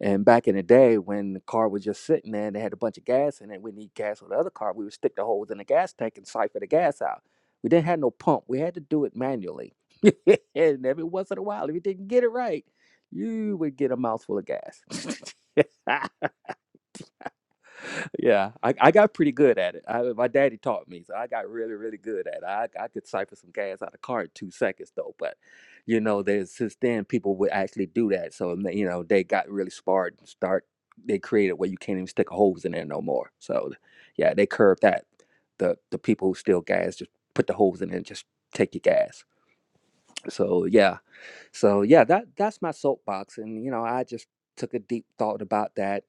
Speaker 12: And back in the day, when the car was just sitting there and they had a bunch of gas in it, we need gas on the other car, we would stick the holes in the gas tank and siphon the gas out. We didn't have no pump. We had to do it manually. and every once in a while, if you didn't get it right, you would get a mouthful of gas. Yeah, I, I got pretty good at it. I, my daddy taught me, so I got really, really good at it. I, I could siphon some gas out of car in two seconds, though. But you know, there's since then people would actually do that. So and they- you know, they got really smart and start. They created where you can't even stick a hose in there no more. So yeah, they curved that. The the people who steal gas just put the hose in it and just take your gas. So yeah, so yeah, that that's my soapbox, and you know, I just took a deep thought about that,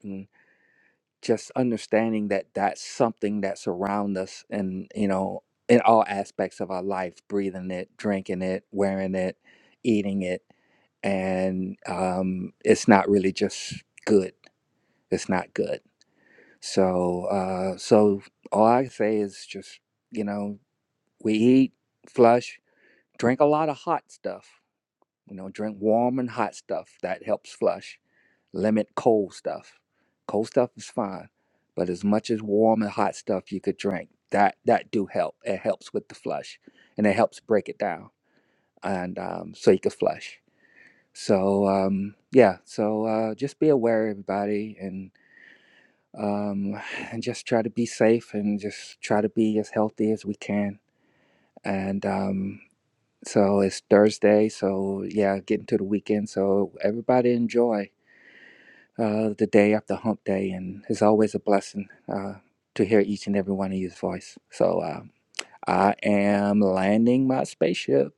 Speaker 12: just understanding that that's something that's around us and you know in all aspects of our life breathing it drinking it wearing it eating it and um, it's not really just good it's not good so uh, so all i say is just you know we eat flush drink a lot of hot stuff you know drink warm and hot stuff that helps flush Limit cold stuff. Cold stuff is fine, but as much as warm and hot stuff you could drink, that that do help. It helps with the flush, and it helps break it down, and um, so you can flush. So um, yeah, so uh, just be aware, everybody, and um, and just try to be safe and just try to be as healthy as we can. And um, so it's Thursday, so yeah, getting to the weekend. So everybody enjoy. uh, the day after hump day, and it's always a blessing uh, to hear each and every one of you's voice. So uh, I am landing my spaceship.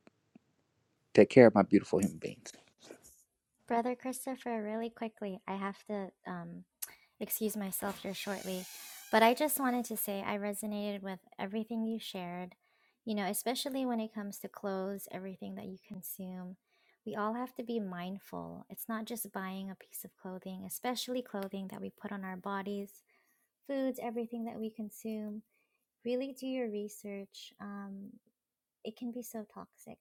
Speaker 12: Take care of my beautiful human beings.
Speaker 13: Brother Christopher, really quickly, I have to um, excuse myself here shortly, but I just wanted to say I resonated with everything you shared, you know, especially when it comes to clothes, everything that you consume. We all have to be mindful. It's not just buying a piece of clothing, especially clothing that we put on our bodies, foods, everything that we consume. Really do your research. Um, it can be so toxic.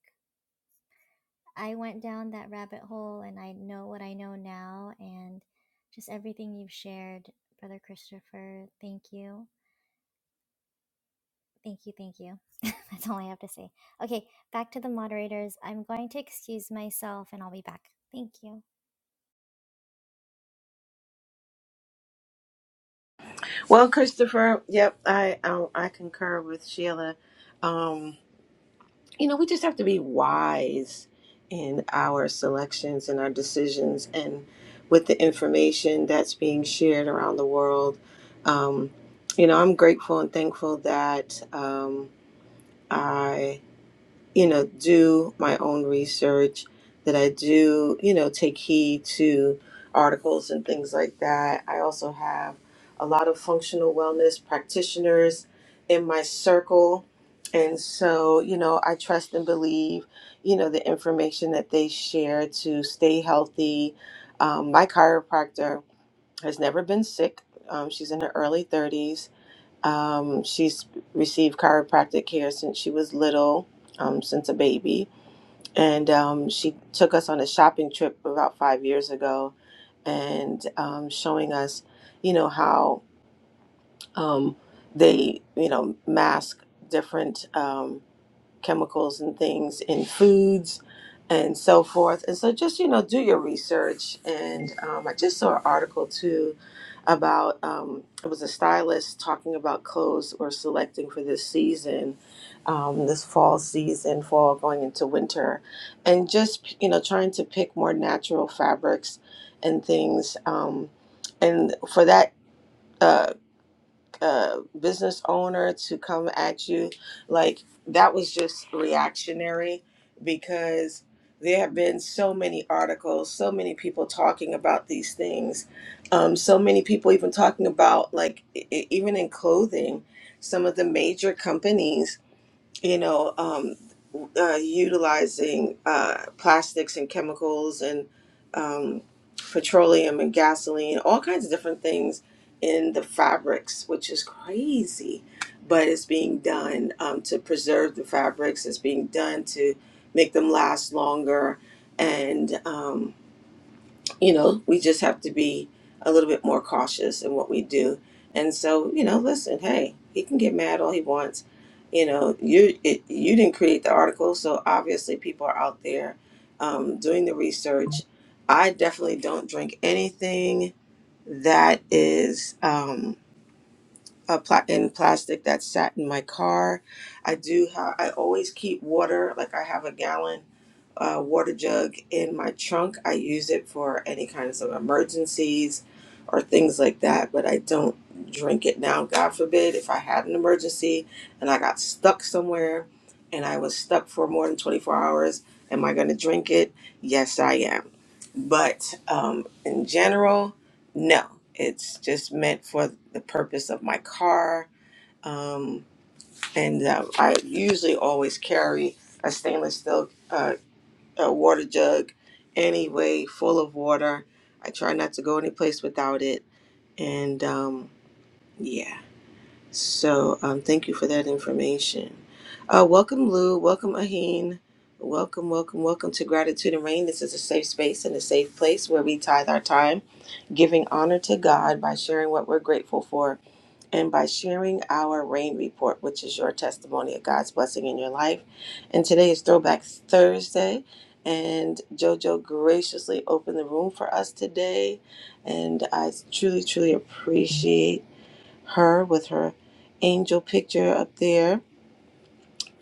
Speaker 13: I went down that rabbit hole and I know what I know now and just everything you've shared, Brother Christopher. Thank you. Thank you. Thank you. That's all I have to say. Okay, back to the moderators. I'm going to excuse myself and I'll be back. Thank you.
Speaker 9: Well, Christopher, yep, I I, I concur with Sheila. Um, you know, we just have to be wise in our selections and our decisions and with the information that's being shared around the world. Um, you know, I'm grateful and thankful that um, I you know, do my own research, that I do, you know, take heed to articles and things like that. I also have a lot of functional wellness practitioners in my circle. And so, you know, I trust and believe, you know, the information that they share to stay healthy. Um, my chiropractor has never been sick. Um, she's in her early 30s um, she's received chiropractic care since she was little, um, since a baby. And um, she took us on a shopping trip about five years ago and um, showing us, you know, how um, they, you know, mask different. Um, chemicals and things in foods and so forth. And so just, you know, do your research. And um, I just saw an article too about um, it was a stylist talking about clothes we're selecting for this season, um, this fall season, fall going into winter, and just, you know, trying to pick more natural fabrics and things. Um, and for that, uh, uh, business owner to come at you, like that was just reactionary because there have been so many articles, so many people talking about these things, um, so many people even talking about like e- e- even in clothing, some of the major companies, you know. Um, uh, utilizing uh, plastics and chemicals and um, petroleum and gasoline, all kinds of different things in the fabrics, which is crazy. But it's being done um, to preserve the fabrics, it's being done to make them last longer. And um, you know, we just have to be a little bit more cautious in what we do. And so, you know, listen, hey, he can get mad all he wants. You know, you it, you didn't create the article, so obviously people are out there um, doing the research. I definitely don't drink anything that is. Um, uh, pla- in plastic that sat in my car. I do have. I always keep water. Like I have a gallon uh, water jug in my trunk. I use it for any kinds of emergencies or things like that. But I don't drink it now. God forbid if I had an emergency and I got stuck somewhere and I was stuck for more than twenty four hours. Am I going to drink it? Yes, I am. But um, in general, no, it's just meant for the purpose of my car. Um, and uh, I usually always carry a stainless steel uh, a water jug anyway, full of water. I try not to go any place without it. And um, yeah. So um, thank you for that information. Uh, welcome, Lou. Welcome, Aheen. Welcome, welcome, welcome to Gratitude and Rain. This is a safe space and a safe place where we tithe our time, giving honor to God by sharing what we're grateful for and by sharing our rain report, which is your testimony of God's blessing in your life. And today is Throwback Thursday, and JoJo graciously opened the room for us today. And I truly, truly appreciate her with her angel picture up there,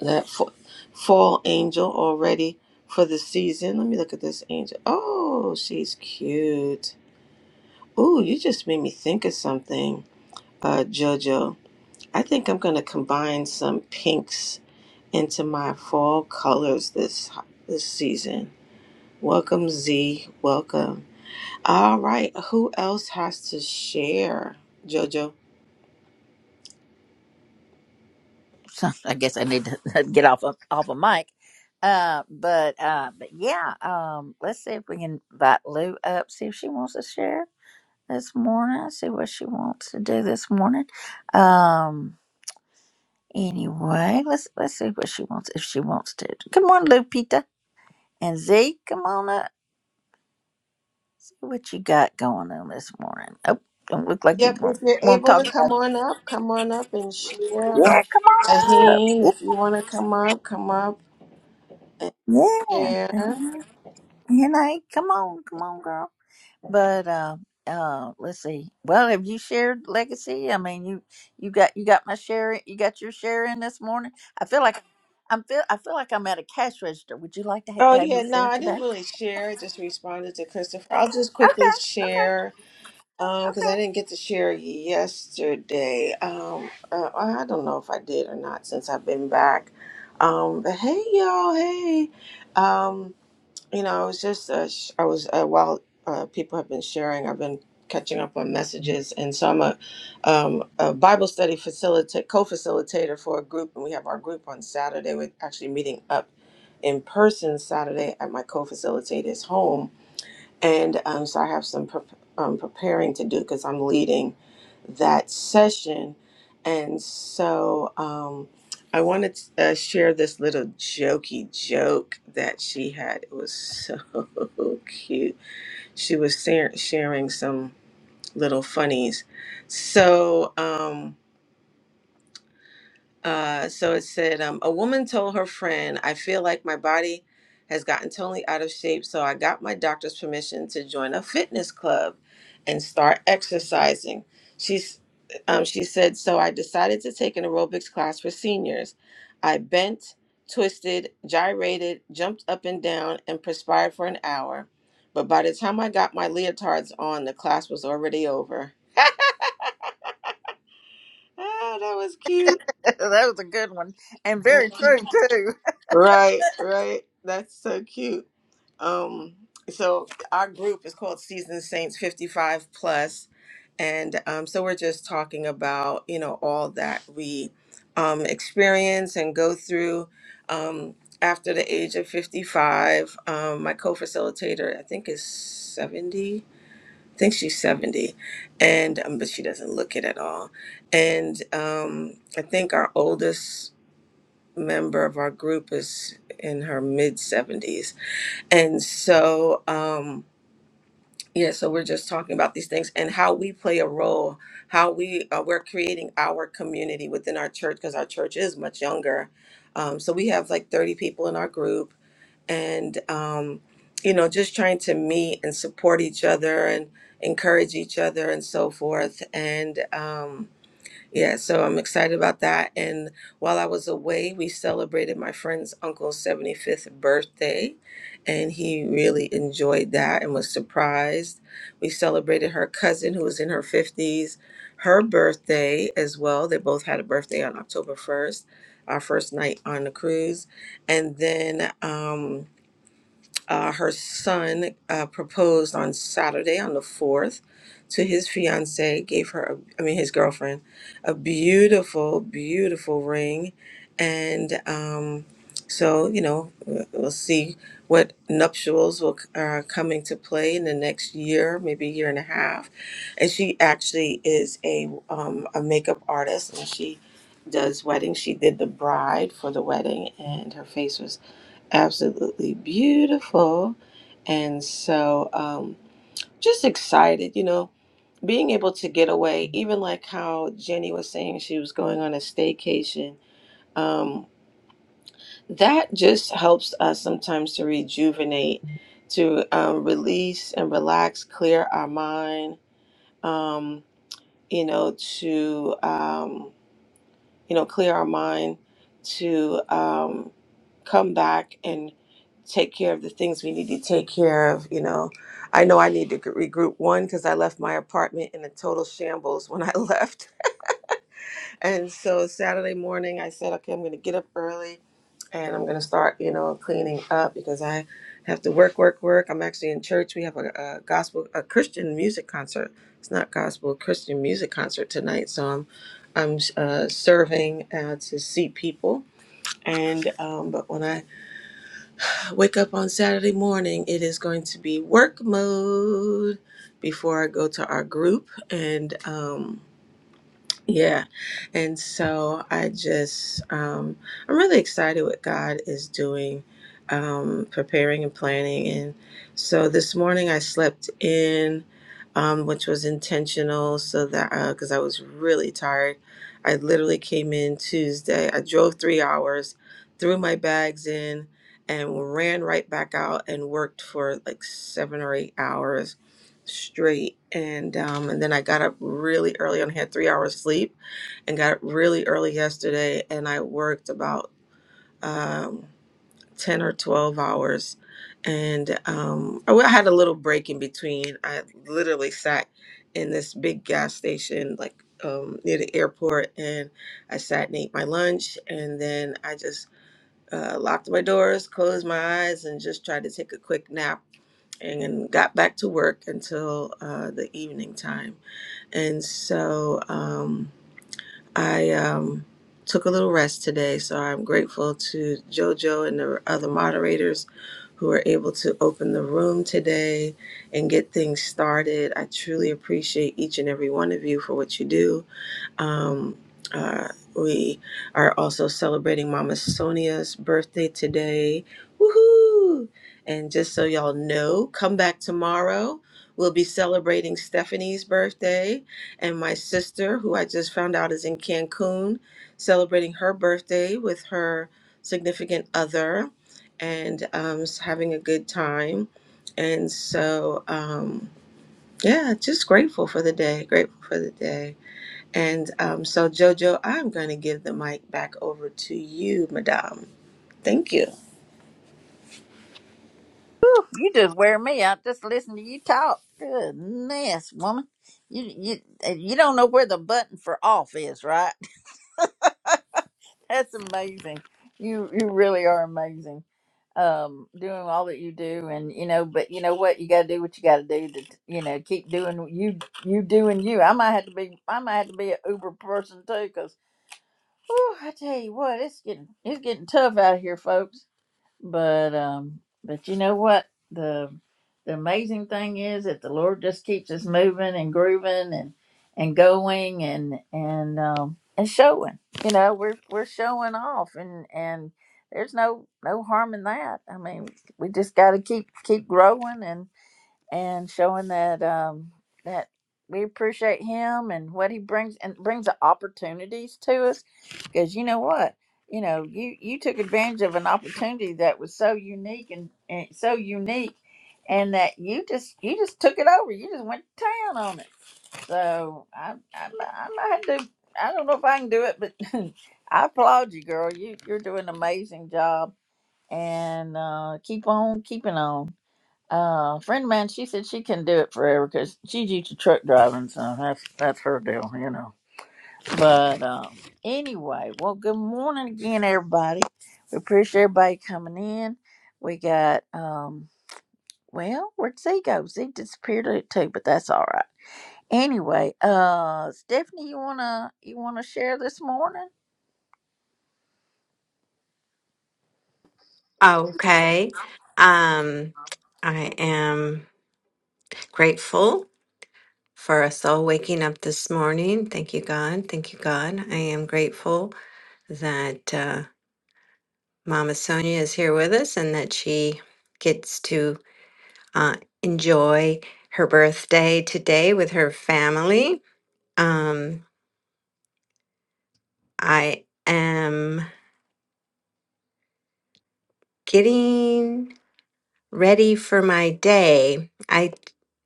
Speaker 9: that fa- fall angel already for the season. Let me look at this angel. Oh, she's cute. Ooh, you just made me think of something, uh, JoJo. I think I'm gonna combine some pinks into my fall colors this this season. Welcome, Z. Welcome. All right, who else has to share, JoJo?
Speaker 1: I guess I need to get off of, off of mic. Uh, but uh, but yeah, um, let's see if we can invite Lou up. See if she wants to share this morning. See what she wants to do this morning. Um, anyway, let's let's see what she wants if she wants to. Come on, Lupita and Z. Come on up. See what you got going on this morning. Oh, don't look like you
Speaker 9: Yep,
Speaker 1: want
Speaker 9: if you're
Speaker 1: want to
Speaker 9: able
Speaker 1: talk
Speaker 9: to
Speaker 1: about.
Speaker 9: come
Speaker 1: It.
Speaker 9: on up, come on up and share.
Speaker 1: Yeah, come on
Speaker 9: Aheen,
Speaker 1: up.
Speaker 9: if you want to come up, come up and
Speaker 1: Yeah, yeah.
Speaker 9: share.
Speaker 1: And Henna, come on, come on, girl. But uh, uh, let's see. Well, have you shared legacy? I mean, you you got you got my share. You got your share in this morning. I feel like I'm feel I feel like I'm at a cash register. Would you like to, ha-
Speaker 9: Oh,
Speaker 1: to have your
Speaker 9: yeah, no,
Speaker 1: share
Speaker 9: I
Speaker 1: today?
Speaker 9: didn't really share. I just responded to Christopher. I'll just quickly
Speaker 1: Okay,
Speaker 9: share because I didn't get to share yesterday. Um, uh, I don't know if I did or not since I've been back. Um, but hey, y'all, hey. Um, You know, I was just, uh, sh- I was, uh, while uh, people have been sharing, I've been catching up on messages. And so I'm a, um, a Bible study facilitator, co facilitator for a group. And we have our group on Saturday. We're actually meeting up in person Saturday at my co facilitator's home. And um, so I have some pre- um, preparing to do because I'm leading that session. And so um, I wanted to uh, share this little jokey joke that she had. It was so cute. She was sa- sharing some little funnies. So, um, uh, so it said, um, a woman told her friend, I feel like my body has gotten totally out of shape, so I got my doctor's permission to join a fitness club and start exercising. She's, um, she said, so I decided to take an aerobics class for seniors. I bent, twisted, gyrated, jumped up and down, and perspired for an hour. But by the time I got my leotards on, the class was already over. Ah, that was cute.
Speaker 1: okay, okay. that was a good one and very true too.
Speaker 9: Right, right. That's so cute. Um, so our group is called Seasoned Saints 55 Plus, and um, so we're just talking about you know all that we um, experience and go through um, after the age of 55. Um, my co-facilitator, I think, is 70. I think she's 70, and um, but she doesn't look it at all. And um, I think our oldest member of our group is in her mid 70s and so, um, yeah, so we're just talking about these things and how we play a role, how we uh, we're creating our community within our church because our church is much younger. Um, so we have like 30 people in our group, and um, you know, just trying to meet and support each other and encourage each other and so forth. And um, yeah, so I'm excited about that. And while I was away, we celebrated my friend's uncle's 75th birthday, and he really enjoyed that and was surprised. We celebrated her cousin, who was in her 50s, her birthday as well. They both had a birthday on October 1st, our first night on the cruise. And then, um, uh, her son uh, proposed on Saturday, on the 4th, to his fiancee, gave her, a, I mean, his girlfriend, a beautiful, beautiful ring. And um, so, you know, we- we'll see what nuptials will uh, come into play in the next year, maybe a year and a half. And she actually is a, um, a makeup artist and she does weddings. She did the bride for the wedding, and her face was absolutely beautiful. And so, um, just excited, you know, being able to get away, even like how Jenny was saying she was going on a staycation. Um, that just helps us sometimes to rejuvenate, to um, release and relax, clear our mind, um, you know, to. Um, you know, clear our mind to um, come back and take care of the things we need to take care of. You know, I know I need to gr- regroup one because I left my apartment in a total shambles when I left. And so Saturday morning, I said, okay, I'm going to get up early and I'm going to start, you know, cleaning up because I have to work, work, work. I'm actually in church. We have a, a gospel, a Christian music concert. It's not gospel, Christian music concert tonight. So I'm, I'm uh, serving uh, to see people. And um, but when I wake up on Saturday morning, it is going to be work mode before I go to our group and. Um, yeah. And so I just, um, I'm really excited what God is doing, um, preparing and planning. And so this morning I slept in, um, which was intentional so that, uh, cause I was really tired. I literally came in Tuesday. I drove three hours, threw my bags in and ran right back out and worked for like seven or eight hours straight and um and then I got up really early and had three hours sleep and got up really early yesterday and I worked about um ten or twelve hours and um I w- I had a little break in between. I literally sat in this big gas station like um near the airport and I sat and ate my lunch and then I just uh, locked my doors, closed my eyes, and just tried to take a quick nap and got back to work until uh, the evening time. And so um, I um, took a little rest today. So I'm grateful to JoJo and the other moderators who were able to open the room today and get things started. I truly appreciate each and every one of you for what you do. Um, uh, we are also celebrating Mama Sonia's birthday today. Woohoo! And just so y'all know, come back tomorrow. We'll be celebrating Stephanie's birthday and my sister, who I just found out is in Cancun, celebrating her birthday with her significant other and um, s- having a good time. And so, um, yeah, just grateful for the day. Grateful for the day. And um, so, Jojo, I'm going to give the mic back over to you, Madame. Thank you.
Speaker 1: Whew, you just wear me out just listening to you talk. Goodness, woman, you you you don't know where the button for off is, right? That's amazing. You you really are amazing. Um, doing all that you do, and you know, but you know what, you got to do what you got to do to, you know, keep doing what you you doing you. I might have to be, I might have to be an Uber person too, cause whew, I tell you what, it's getting it's getting tough out here, folks but um but you know what the the amazing thing is that the lord just keeps us moving and grooving and and going and and um and showing you know we're we're showing off and and there's no no harm in that i mean we just got to keep keep growing and and showing that um that we appreciate him and what he brings and brings the opportunities to us because you know what you know you you took advantage of an opportunity that was so unique and, and so unique and that you just you just took it over you just went to town on it so i i, I might have to i don't know if i can do it but i applaud you girl you you're doing an amazing job and uh keep on keeping on uh, friend of mine, she said she can do it forever because she's used to truck driving, so that's that's her deal, you know. But um, anyway, well, good morning again, everybody. We appreciate everybody coming in. We got um, well, where'd Z go? Z disappeared it too, but that's all right. Anyway, uh, Stephanie, you wanna you wanna share this morning?
Speaker 2: Okay. Um, I am grateful for us all waking up this morning. Thank you, God. Thank you, God. I am grateful that uh, Mama Sonia is here with us and that she gets to uh, enjoy her birthday today with her family. Um, I am getting. ready for my day. I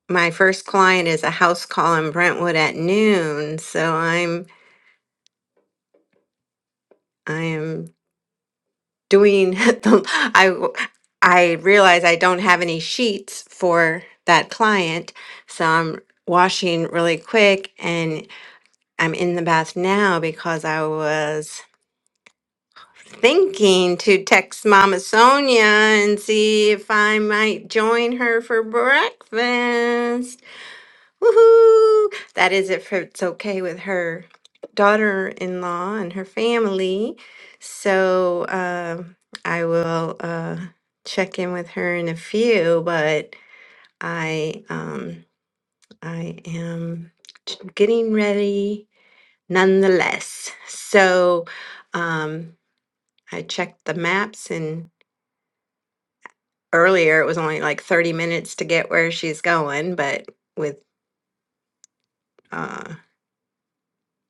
Speaker 2: my first client is a house call in Brentwood at noon, so I'm I am doing the I w- I realize I don't have any sheets for that client, so I'm washing really quick and I'm in the bath now because I was thinking to text Mama Sonia and see if I might join her for breakfast. Woohoo! That is if it's okay with her daughter-in-law and her family. So um, I will uh, check in with her in a few, but I um, I am t- getting ready nonetheless. So um, I checked the maps and earlier it was only like 30 minutes to get where she's going, but with uh,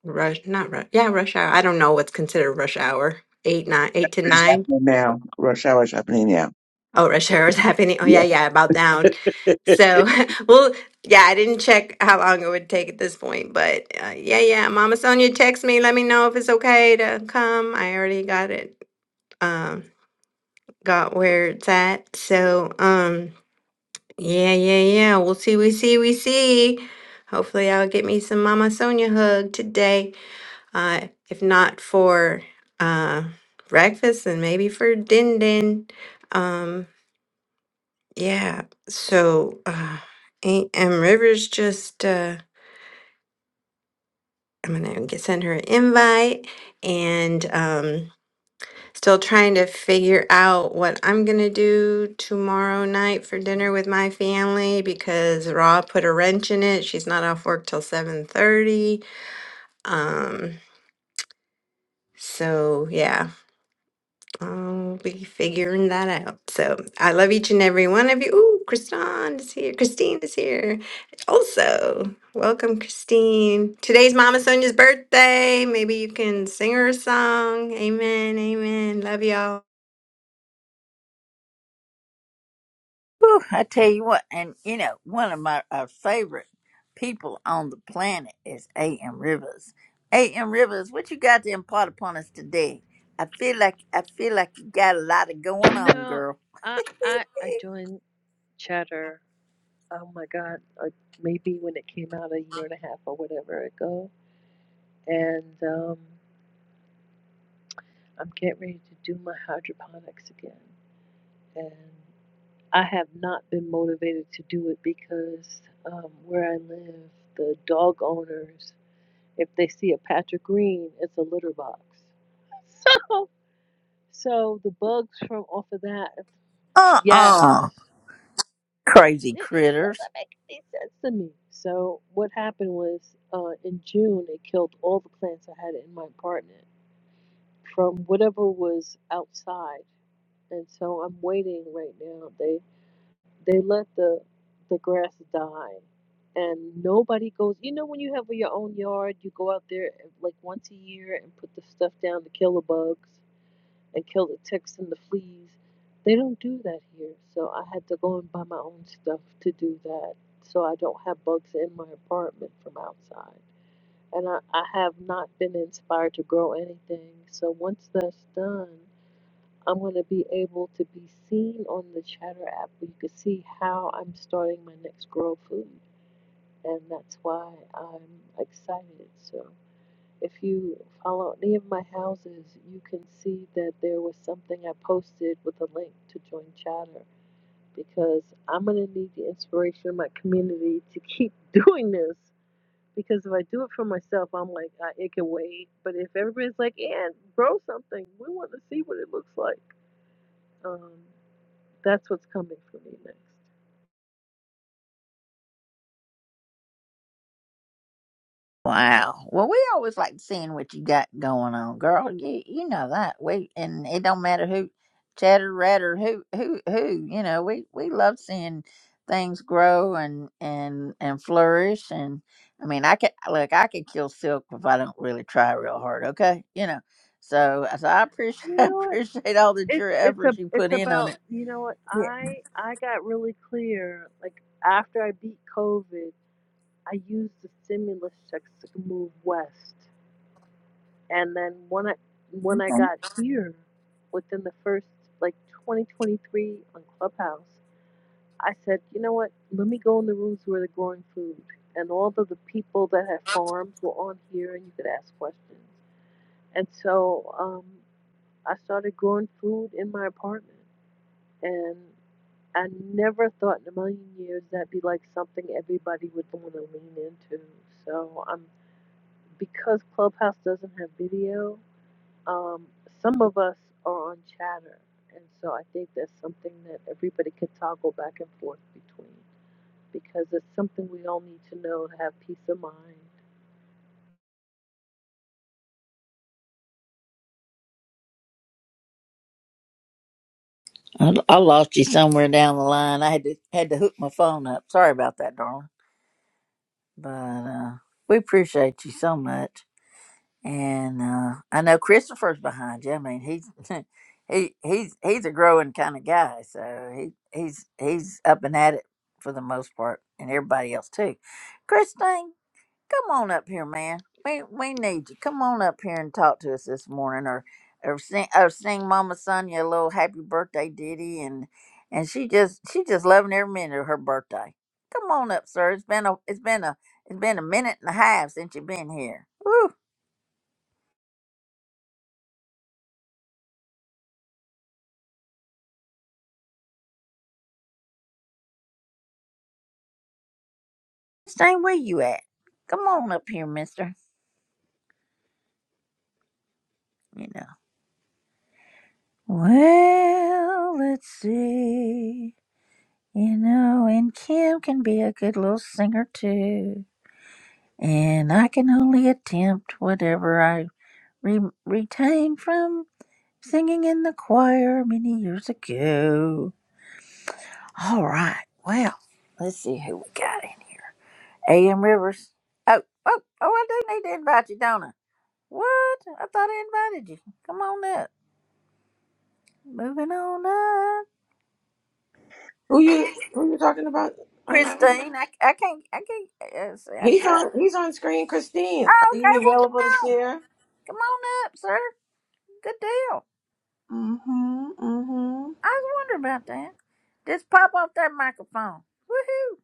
Speaker 2: Rush, not rush. Yeah, rush hour. I don't know what's considered rush hour. Eight, nine, eight to
Speaker 3: good. It's
Speaker 2: nine.
Speaker 3: happening now. Rush hour's happening now.
Speaker 2: Oh, rush hour is happening. Oh, yeah,
Speaker 3: Yeah.
Speaker 2: yeah, about now. So, well, yeah, I didn't check how long it would take at this point, but uh, yeah, yeah. Mama Sonia, text me. Let me know if it's okay to come. I already got it. Um, got where it's at. So, um, yeah, yeah, yeah. We'll see. We see. We see. Hopefully, I'll get me some Mama Sonia hug today. Uh, if not for uh, breakfast and maybe for Din Din. Um, yeah, so uh, A- M Rivers just, uh, I'm gonna get, send her an invite and um, still trying to figure out what I'm gonna do tomorrow night for dinner with my family because Raw put a wrench in it. She's not off work till 7:30. Um, so yeah, I'll be figuring that out. So I love each and every one of you. Ooh, Kristan is here. Christine is here. Also, welcome, Christine. Today's Mama Sonia's birthday. Maybe you can sing her a song. Amen. Amen. Love y'all.
Speaker 1: Whew, I tell you what, and you know, one of my our favorite people on the planet is A.M. Rivers. A.M. Rivers, what you got to impart upon us today? I feel like I feel like you got a lot of going on,
Speaker 14: No,
Speaker 1: girl.
Speaker 14: I I I joined Chatter. Oh my God, like maybe when it came out a year and a half or whatever ago, and um, I'm getting ready to do my hydroponics again, and I have not been motivated to do it because um, where I live, the dog owners, if they see a patch of green, it's a litter box. So so the bugs from off of that,
Speaker 1: Uh uh
Speaker 14: yes.
Speaker 1: crazy
Speaker 14: It, it
Speaker 1: critters.
Speaker 14: doesn't make any sense to me. So what happened was, uh, in June, it killed all the plants I had in my apartment from whatever was outside, and so I'm waiting right now. They they let the the grass die, and nobody goes. You know when you have your own yard, you go out there eh, like once a year and put the stuff down to kill the bugs and kill the ticks and the fleas. They don't do that here, so I had to go and buy my own stuff to do that so I don't have bugs in my apartment from outside. And I, I have not been inspired to grow anything, so once that's done, I'm going to be able to be seen on the Chatter app where you can see how I'm starting my next grow food. And that's why I'm excited. So if you follow any of my houses, you can see that there was something I posted with a link to join Chatter because I'm going to need the inspiration of my community to keep doing this. Because if I do it for myself, I'm like, I, it can wait. But if everybody's like, yeah, grow something, we want to see what it looks like. Um, that's what's coming for me next.
Speaker 1: Wow. Well, we always like seeing what you got going on, girl. You you know that we and it don't matter who, chatter, ratter, who who who. You know we we love seeing things grow and and and flourish. And I mean, I could look, I could kill silk if I don't really try real hard. Okay, you know. So so I appreciate
Speaker 14: You
Speaker 1: I
Speaker 14: know what?
Speaker 1: appreciate all that
Speaker 14: It,
Speaker 1: your
Speaker 14: it's a
Speaker 1: efforts you
Speaker 14: it's
Speaker 1: put in on
Speaker 14: about
Speaker 1: it.
Speaker 14: you know what I I got really clear like after I beat COVID I used the stimulus checks to move west, and then when I when I
Speaker 1: Yeah.
Speaker 14: got here, within the first like 2023 on Clubhouse, I said, you know what? Let me go in the rooms where they're growing food, and all of the people that had farms were on here, and you could ask questions. And so um, I started growing food in my apartment, and I never thought in a million years that'd be like something everybody would want to lean into. So I'm because Clubhouse doesn't have video, um, some of us are on chatter. And so I think that's something that everybody could toggle back and forth between because it's something we all need to know to have peace of mind
Speaker 1: I, I lost you somewhere down the line. I had to had to hook my phone up. Sorry about that, darling. But uh, we appreciate you so much. And uh, I know Christopher's behind you. I mean, he's he he's he's a growing kind of guy, so he he's he's up and at it for the most part, and everybody else too. Christine, come on up here, man. We we need you. Come on up here and talk to us this morning, or or sing or sing Mama Sonia a little happy birthday ditty, and and she just she just loving every minute of her birthday. Come on up, sir. It's been a it's been a it's been a minute and a half since you've been here. Woo! Stay where you at. Come on up here, Mister. You know. Well, let's see. You know, and Kim can be a good little singer too. and I can only attempt whatever I re- retained from singing in the choir many years ago. All right, well, let's see who we got in. A.M. Rivers. Oh, oh, oh, I do need to invite you, don't I? What? I thought I invited you. Come on up. Moving on up.
Speaker 9: Who you who you talking about? Um,
Speaker 1: Christine, I, I can't, I can't, uh, see, I'm
Speaker 9: he's
Speaker 1: trying.
Speaker 9: on he's on screen. Christine,
Speaker 1: Oh,
Speaker 9: are you
Speaker 1: okay, well, come
Speaker 9: available to
Speaker 1: on.
Speaker 9: share?
Speaker 1: Come on up, sir. Good deal.
Speaker 9: Mm-hmm. Mm-hmm.
Speaker 1: I was wondering about that. Just pop off that microphone. Woohoo!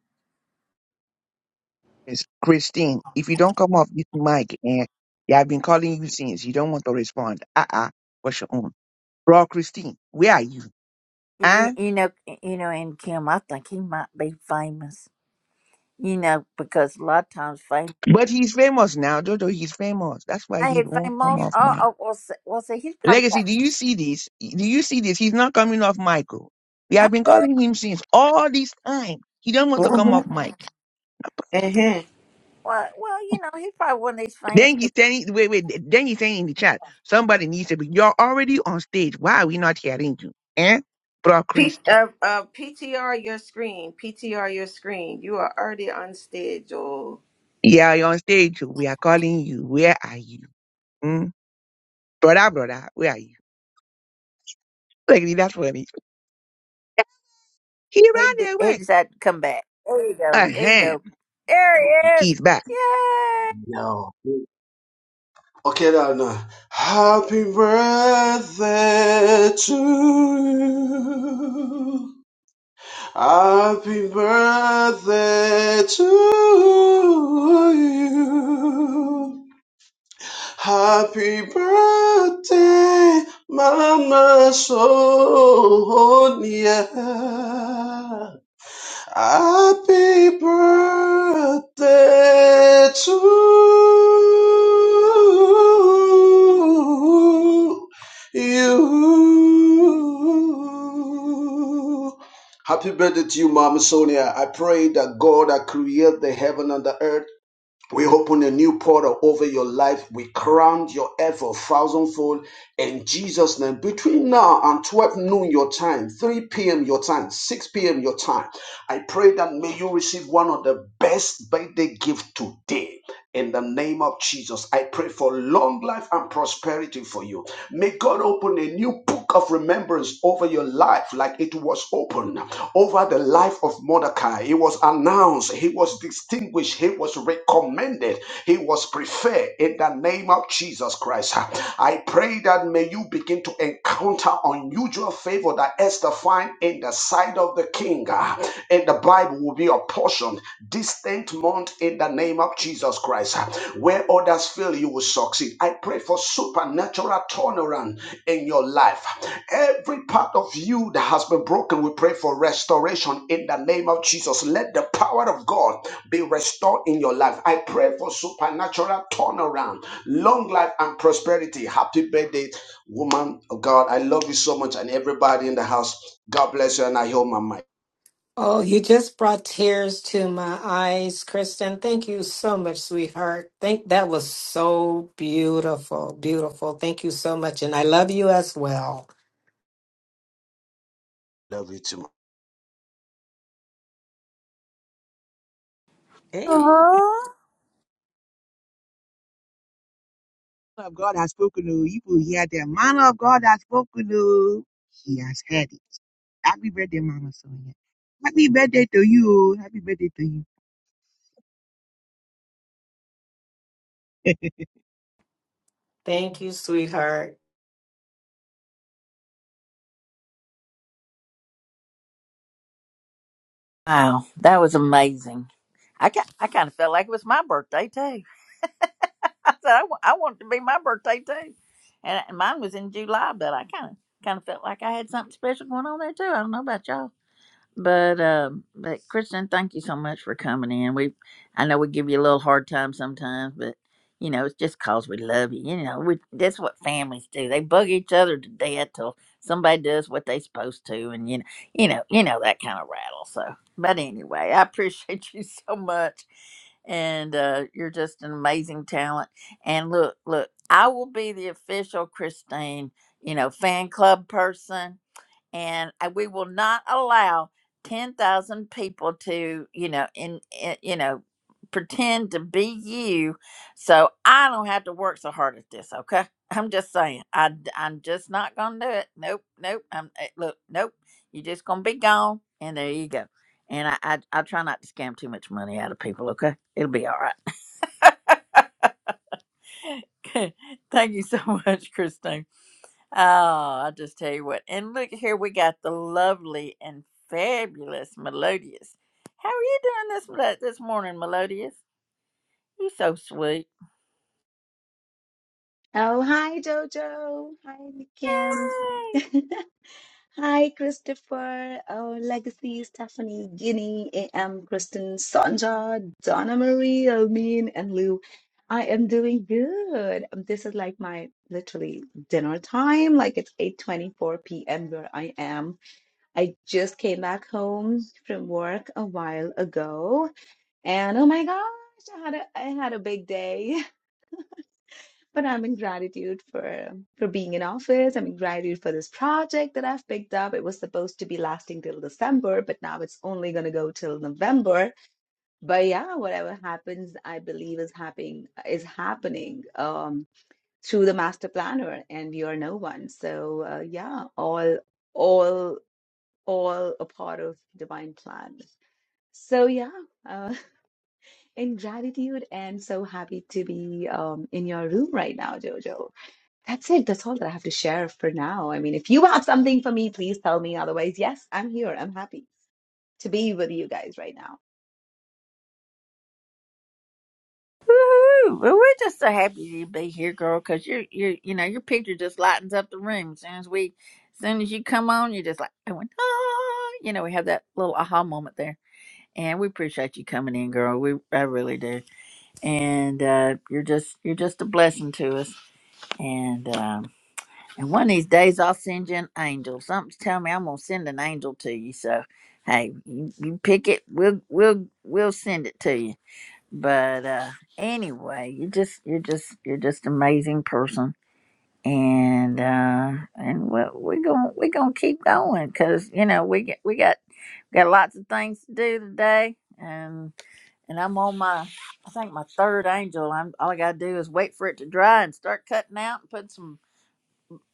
Speaker 3: It's Christine, if you don't come off this mic and yeah, I've been calling you since you don't want to respond. Uh uh What's your own? Bro, Christine, where are you?
Speaker 1: You,
Speaker 3: Huh?
Speaker 1: you know, you know, and Kim, I think he might be famous. You know, because a lot of times fame.
Speaker 3: But he's famous now, Jojo. He's famous. That's why
Speaker 1: I
Speaker 3: he
Speaker 1: had
Speaker 3: won't come
Speaker 1: famous.
Speaker 3: off
Speaker 1: Oh,
Speaker 3: mic.
Speaker 1: oh well, see, well, see, he's probably got.
Speaker 3: Legacy, do you see this? Do you see this? He's not coming off mic. oh. We
Speaker 1: I-
Speaker 3: have been calling him since all this time. He don't want to come off
Speaker 9: Mm-hmm.
Speaker 3: mic.
Speaker 9: Uh-huh.
Speaker 1: Well, well, you know, he's probably one of these famous.
Speaker 3: Then he's
Speaker 1: people.
Speaker 3: saying, wait, wait, then he's saying in the chat, somebody needs to be, you're already on stage. Why are we not hearing you? Eh? Bro
Speaker 9: P-
Speaker 3: Christy.
Speaker 9: uh, uh, PTR your screen. PTR your screen. You are already on stage, Joel.
Speaker 3: Yeah, you're on stage. We are calling you. Where are you? Hmm? Brother, brother, where are you? Like, that's funny. He
Speaker 1: He d-
Speaker 3: ran
Speaker 1: he
Speaker 3: away.
Speaker 1: decided to come back. There you go. There you
Speaker 3: Uh-huh.
Speaker 1: go. There he is.
Speaker 3: He's back.
Speaker 1: Yay!
Speaker 15: Yo. Okay, now, now. Happy birthday to you. Happy birthday to you. Happy birthday, Mama Sonia. Happy birthday to you. Happy birthday to you, Mama Sonia. I pray that God that created the heaven and the earth we open a new portal over your life. We crown your effort thousandfold in Jesus' name. Between now and 12 noon your time, 3 p.m. your time, 6 p.m. your time, I pray that may you receive one of the best birthday gift today. In the name of Jesus, I pray for long life and prosperity for you. May God open a new book of remembrance over your life like it was opened over the life of Mordecai. He was announced, he was distinguished, he was recommended, he was preferred in the name of Jesus Christ. I pray that may you begin to encounter unusual favor that Esther find in the sight of the king. And the Bible will be a portion this 10th month in the name of Jesus Christ. Where others fail, you will succeed. I pray for supernatural turnaround in your life. Every part of you that has been broken, we pray for restoration in the name of Jesus. Let the power of God be restored in your life. I pray for supernatural turnaround, long life, and prosperity. Happy birthday, woman of God. I love you so much, and everybody in the house. God bless you, and I hold my mic.
Speaker 6: Oh, you just brought tears to my eyes, Kristen. Thank you so much, sweetheart. Thank that was so beautiful, beautiful. Thank you so much, and I love you as well.
Speaker 15: Love you too.
Speaker 9: Hey.
Speaker 1: uh
Speaker 3: Man Of God has spoken to you. will hear the man of God has spoken to He has heard it. Happy birthday, Mama Sonia. Happy birthday to you. oh. Happy birthday to you.
Speaker 6: Thank you, sweetheart.
Speaker 1: Wow, that was amazing. I ki- I kind of felt like it was my birthday too. I said I wa- I want it to be my birthday too, and and mine was in July, but I kind of kind of felt like I had something special going on there too. I don't know about y'all, but um, but Kristen, thank you so much for coming in. We, I know we give you a little hard time sometimes, but you know it's just cause we love you. You know we that's what families do. They bug each other to death till somebody does what they supposed to, and you know you know you know that kind of rattle. So, but anyway, I appreciate you so much and uh, you're just an amazing talent. And look, look, I will be the official Christine, you know, fan club person and I- we will not allow 10,000 people to, you know, in, in you know, pretend to be you so I don't have to work so hard at this, okay? I'm just saying. I am just not going to do it. Nope, nope. I'm eh, look, nope. You're just going to be gone and there you go. And I, I I try not to scam too much money out of people, okay? It'll be all right. Thank you so much, Christine. Oh, I'll just tell you what. And look here, we got the lovely and fabulous Melodious. How are you doing this mel- this morning, Melodious? You so sweet.
Speaker 16: Oh, hi, Jojo. Hi, Kim.
Speaker 1: Yay!
Speaker 16: Hi, Christopher. Oh, Legacy, Stephanie, Guinea, AM, Kristen, Sonja, Donna Marie, Almin, and Lou. I am doing good. Um, This is like my literally dinner time. Like it's 8:24 p.m. where I am. I just came back home from work a while ago, and oh my gosh, I had a I had a big day. But I'm in gratitude for for being in office. I'm in gratitude for this project that I've picked up. It was supposed to be lasting till December, but now it's only going to go till November. But yeah, whatever happens, I believe is happening is happening um, through the master planner, and you're no one. So uh, yeah, all all all a part of divine plan. So yeah, uh, in gratitude, and so happy to be um, in your room right now, Jojo. That's it. That's all that I have to share for now. I mean, if you have something for me, please tell me. Otherwise, yes, I'm here. I'm happy to be with you guys right now.
Speaker 1: Woohoo! Well, we're just so happy to be here, girl, because you're you're you know your picture just lightens up the room as soon as we as soon as you come on, you're just like going ah, you know we have that little aha moment there, and we appreciate you coming in, girl. We I really do, and uh, you're just you're just a blessing to us, and. Um, And one of these days, I'll send you an angel. Something's telling me I'm gonna send an angel to you. So, hey, you, you pick it. We'll we'll we'll send it to you. But uh, anyway, you just you're just you're just an amazing person, and uh, and we're, we're gonna we're gonna keep going because you know we get we got got lots of things to do today, and and I'm on my I think my third angel. I'm all I gotta do is wait for it to dry and start cutting out and put some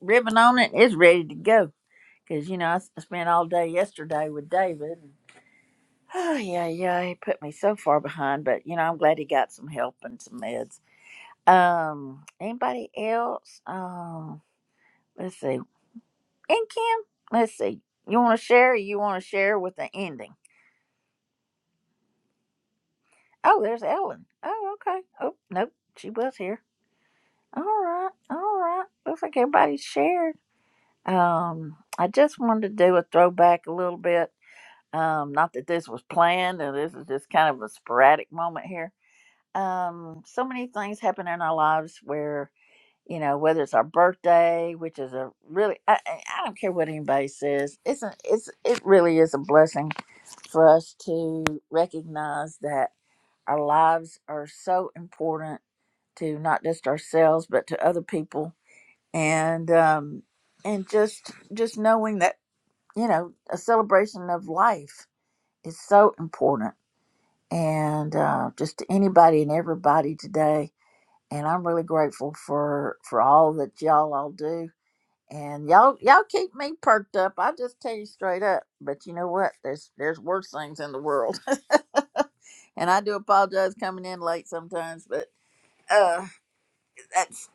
Speaker 1: ribbon on it. It's ready to go. Because, you know, I s- I spent all day yesterday with David. And, oh, yeah, yeah. He put me so far behind, but, you know, I'm glad he got some help and some meds. Um, anybody else? Um, let's see. And Kim, let's see. You want to share or you want to share with the ending? Oh, there's Ellen. Oh, okay. Oh, nope. She was here. All right. All right. Looks like everybody's shared. Um, I just wanted to do a throwback a little bit Um, not that this was planned, and this is just kind of a sporadic moment here. Um, so many things happen in our lives where you know whether it's our birthday, which is a really I, I I don't care what anybody says, it's a, it's it really is a blessing for us to recognize that our lives are so important to not just ourselves but to other people, and um, and just just knowing that you know a celebration of life is so important and uh, just to anybody and everybody today. And I'm really grateful for for all that y'all all do. And y'all y'all keep me perked up. I just tell you straight up. But you know what? There's there's worse things in the world. And I do apologize coming in late sometimes, but uh that's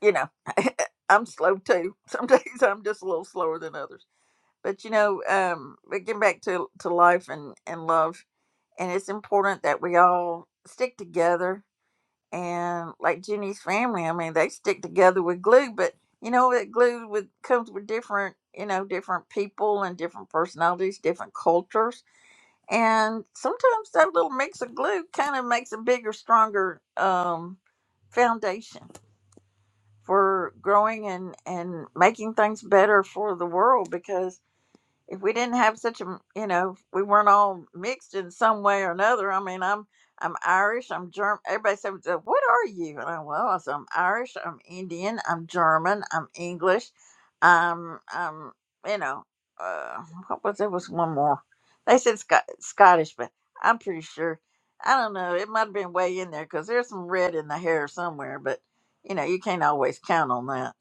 Speaker 1: you know I'm slow too. Some days I'm just a little slower than others. But you know, um but getting back to to life and and love and it's important that we all stick together and like Jenny's family, I mean, they stick together with glue, but you know that glue with comes with different, you know, different people and different personalities, different cultures, and sometimes that little mix of glue kind of makes a bigger, stronger um, foundation for growing and and making things better for the world. Because if we didn't have such a you know we weren't all mixed in some way or another i mean i'm i'm irish i'm german everybody said "Uh, what are you and i well I said, i'm irish i'm indian i'm german i'm english i'm i'm you know uh what was there was one more they said Scot- scottish but i'm pretty sure i don't know it might have been way in there because there's some red in the hair somewhere but you know you can't always count on that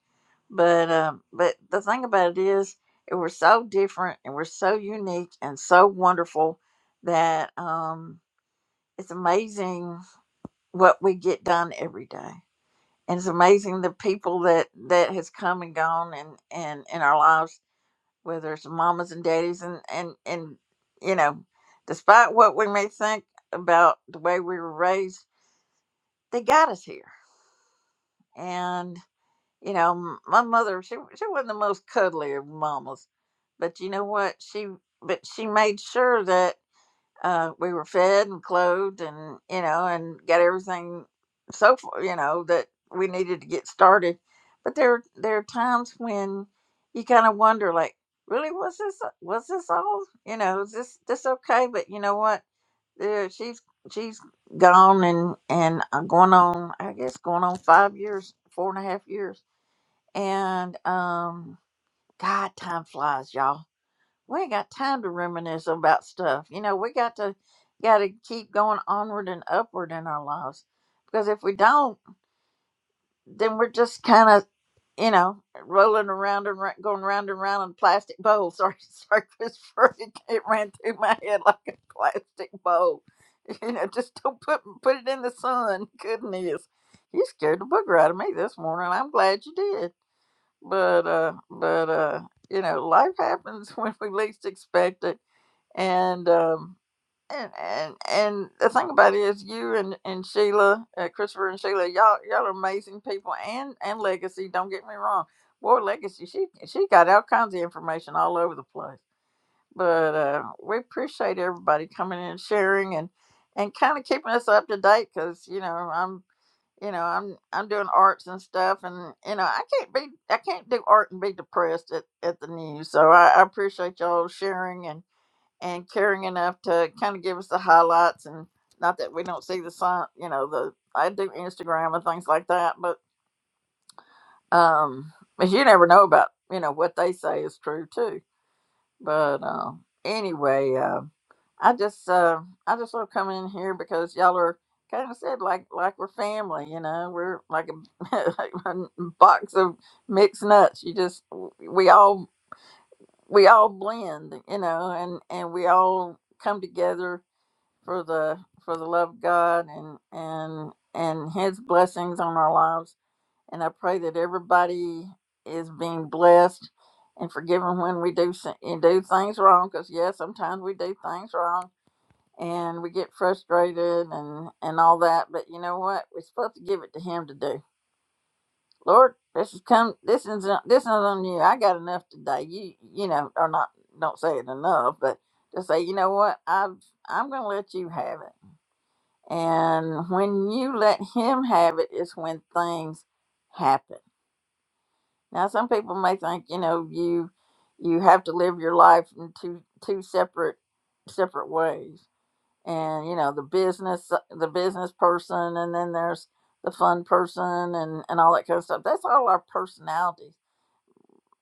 Speaker 1: but um, but the thing about it is, it we're so different and we're so unique and so wonderful that um, it's amazing what we get done every day, and it's amazing the people that that has come and gone and and in our lives, whether it's mamas and daddies and and and you know, despite what we may think about the way we were raised, they got us here, and. you know, m- my mother, she she wasn't the most cuddly of mamas, but you know what? She but she made sure that uh, we were fed and clothed, and you know, and got everything so far, you know, that we needed to get started. But there there are times when you kind of wonder, like, really, was this was this all? You know, is this this okay? But you know what? Yeah, she's she's gone and and uh, going on, I guess, going on five years, four and a half years and um, God, time flies, y'all. We ain't got time to reminisce about stuff. You know, we got to got to keep going onward and upward in our lives, because if we don't, then we're just kind of you know rolling around and ra- going round and round in plastic bowls. Sorry, sorry, Christopher, it, it ran through my head like a plastic bowl. You know, just don't put put it in the sun. Goodness, you scared the booger out of me this morning. I'm glad you did but uh but uh you know life happens when we least expect it and um and and and the thing about it is you and and sheila uh, christopher and sheila y'all y'all are amazing people and and legacy don't get me wrong boy legacy she she got all kinds of information all over the place but uh we appreciate everybody coming in and sharing and and kind of keeping us up to date because you know I'm you know i'm i'm doing arts and stuff and you know i can't be i can't do art and be depressed at, at the news so I, I appreciate y'all sharing and and caring enough to kind of give us the highlights and not that we don't see the sign you know the i do instagram and things like that but um but you never know about you know what they say is true too but uh, anyway uh, I just uh I just love coming in here because y'all are kind of said like like we're family, you know. We're like a, like a box of mixed nuts. You just we all we all blend, you know, and and we all come together for the for the love of God and and and His blessings on our lives. And I pray that everybody is being blessed and forgiven when we do s- and do things wrong. Because yes, sometimes we do things wrong and we get frustrated and and all that but you know what we're supposed to give it to him to do lord this is come this is uh, this is on you i got enough today you you know or not don't say it enough but just say you know what i've i'm gonna let you have it and when you let him have it is when things happen now some people may think you know you you have to live your life in two two separate separate ways and you know the business uh, the business person and then there's the fun person and and all that kind of stuff that's all our personalities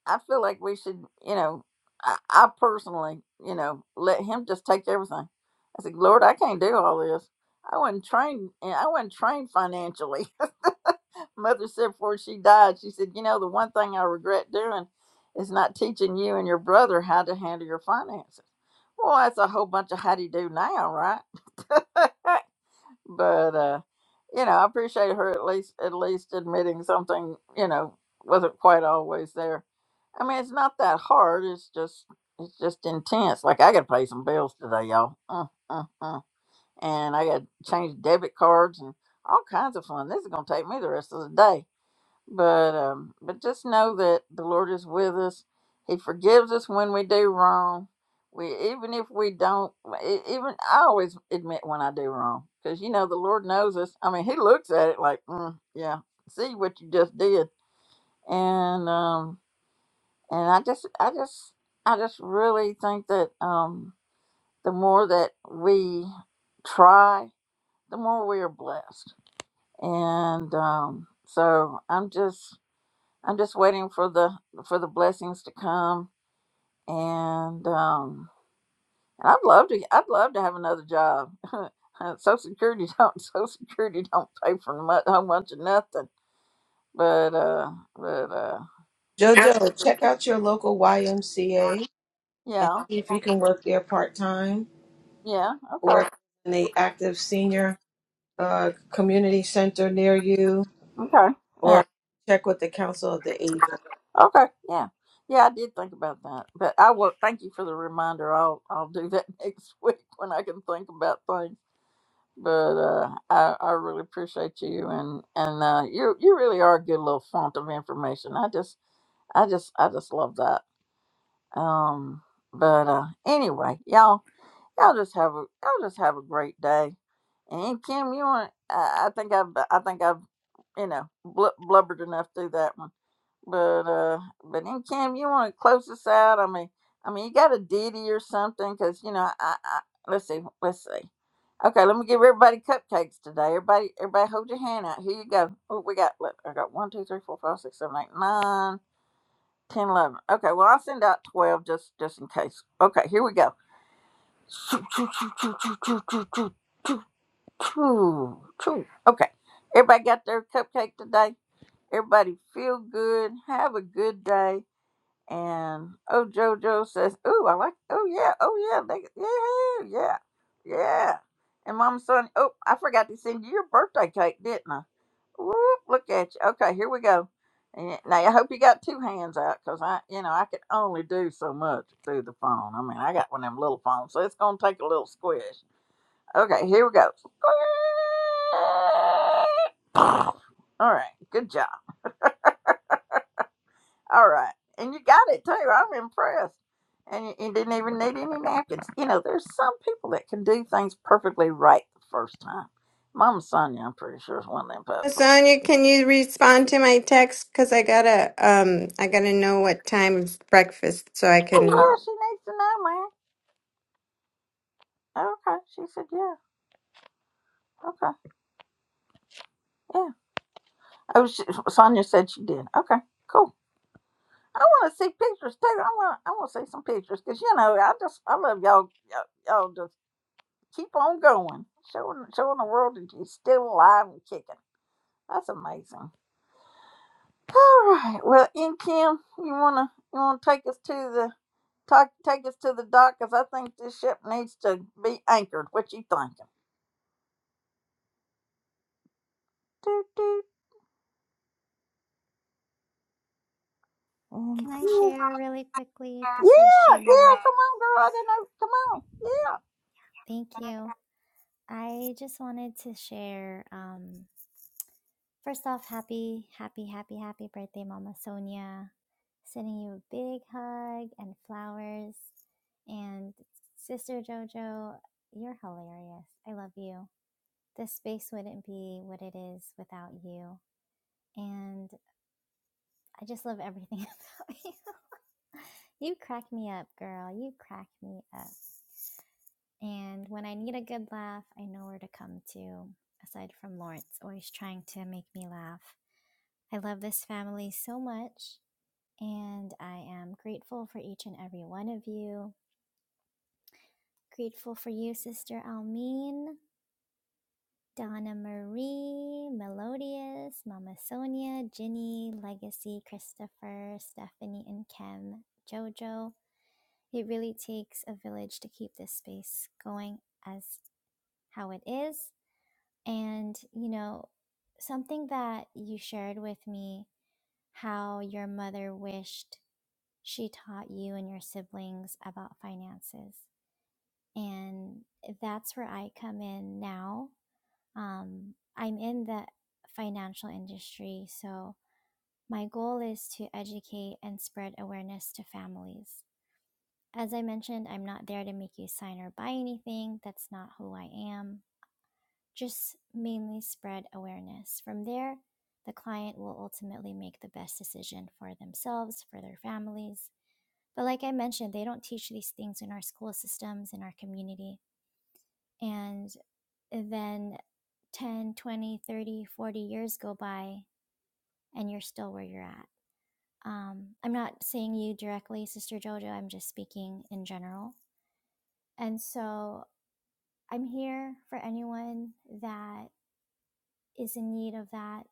Speaker 1: i feel like we should you know i, I personally you know let him just take everything i said lord i can't do all this i wasn't trained eh, i wasn't trained financially mother said before she died she said you know the one thing i regret doing is not teaching you and your brother how to handle your finances well that's a whole bunch of how do you do now right but uh you know i appreciate her at least at least admitting something you know wasn't quite always there i mean it's not that hard it's just it's just intense like i gotta pay some bills today y'all mm, mm, mm. and i gotta change debit cards and all kinds of fun this is gonna take me the rest of the day but um, but just know that the Lord is with us. He forgives us when we do wrong. We even if we don't, e- even I always admit when I do wrong because you know the Lord knows us. I mean, He looks at it like, mm, yeah, see what you just did, and um, and I just, I just, I just really think that um, the more that we try, the more we are blessed, and um, so I'm just I'm just waiting for the for the blessings to come, and um, and I'd love to I'd love to have another job. Uh, Social Security don't Social Security don't pay for much, how much of nothing, but uh, but uh,
Speaker 9: Jojo, check out your local YMCA and
Speaker 1: yeah,
Speaker 9: see if you can work there part time
Speaker 1: yeah,
Speaker 9: or
Speaker 1: okay,
Speaker 9: in a active senior uh, community center near you
Speaker 1: okay, yeah,
Speaker 9: or check with the Council of the Aging.
Speaker 1: okay, yeah, yeah. I did think about that, but I will thank you for the reminder. I'll I'll do that next week when I can think about things. but uh, I I really appreciate you and and uh, you you really are a good little font of information. I just I just I just love that. Um, but uh, anyway, y'all y'all just have a y'all just have a great day. And Kim, you want? I, I think I've I think I've you know bl- blubbered enough through that one. But uh, but then Kim, you want to close this out? I mean, I mean, you got a ditty or something? Cause you know, I, I let's see, let's see. Okay, let me give everybody cupcakes today. Everybody, everybody, hold your hand out. Here you go. Oh, we got. Look, I got one, two, three, four, five, six, seven, eight, nine, ten, eleven. Okay, well, I'll send out twelve just just in case. Okay, here we go. Choo, choo, choo, choo, choo, choo, choo, choo, choo, choo, choo. Okay, everybody got their cupcake today. Everybody feel good. Have a good day and oh, JoJo says, "Ooh, I like. Oh yeah, oh yeah, they, yeah, yeah, yeah." yeah." And Mama Sonia, oh, I forgot to send you your birthday cake, didn't I? Whoop, look at you. Okay, here we go. And now I hope you got two hands out, cause I, you know, I can only do so much through the phone. I mean, I got one of them little phones, so it's gonna take a little squish. Okay, here we go. All right, good job. All right. And you got it too. I'm impressed. And you, you didn't even need any napkins. You know, there's some people that can do things perfectly right the first time. Mama Sonia, I'm pretty sure, is one of them
Speaker 2: Mama
Speaker 1: people.
Speaker 2: Sonia, can you respond to my text? Cause I gotta um I gotta know what time is breakfast so I
Speaker 1: Oh,
Speaker 2: can
Speaker 1: yeah, she needs to know, man. Okay. She said, yeah. Okay. Yeah. Oh, she, Sonia said she did. Okay. Cool. I want to see pictures too. I want. I want to see some pictures because you know I just I love y'all. Y'all, y'all just keep on going, showing showing the world that you're still alive and kicking. That's amazing. All right. Well, and Kim, you wanna you wanna take us to the talk, take us to the dock because I think this ship needs to be anchored. What you thinking? Doot, doot. And
Speaker 13: Can I
Speaker 1: Kim-
Speaker 13: share really quickly?
Speaker 1: Yeah,
Speaker 13: This is
Speaker 1: yeah.
Speaker 13: Sheila.
Speaker 1: Come on, girl. I don't know. Come on. Yeah.
Speaker 13: Thank you. I just wanted to share um, First off, happy, happy, happy, happy birthday, Mama Sonia. Sending you a big hug and flowers. And Sister JoJo, you're hilarious. I love you. This space wouldn't be what it is without you. And I just love everything about you. You crack me up, girl. You crack me up. And when I need a good laugh, I know where to come to, aside from Lawrence, always trying to make me laugh. I love this family so much, and I am grateful for each and every one of you. Grateful for you, Sister Almeen, Donna Marie, Melodious, Mama Sonia, Ginny, Legacy, Christopher, Stephanie, and Kim, Jojo. It really takes a village to keep this space going as how it is. And, you know, something that you shared with me how your mother wished she taught you and your siblings about finances. And that's where I come in now um, I'm in the financial industry, so my goal is to educate and spread awareness to families. As I mentioned, I'm not there to make you sign or buy anything. That's not who I am. Just mainly spread awareness. From there, the client will ultimately make the best decision for themselves, for their families. But like I mentioned, they don't teach these things in our school systems, in our community. And then 10, 20, 30, 40 years go by and you're still where you're at. Um, I'm not saying you directly, Sister Jojo, I'm just speaking in general. And so I'm here for anyone that is in need of that.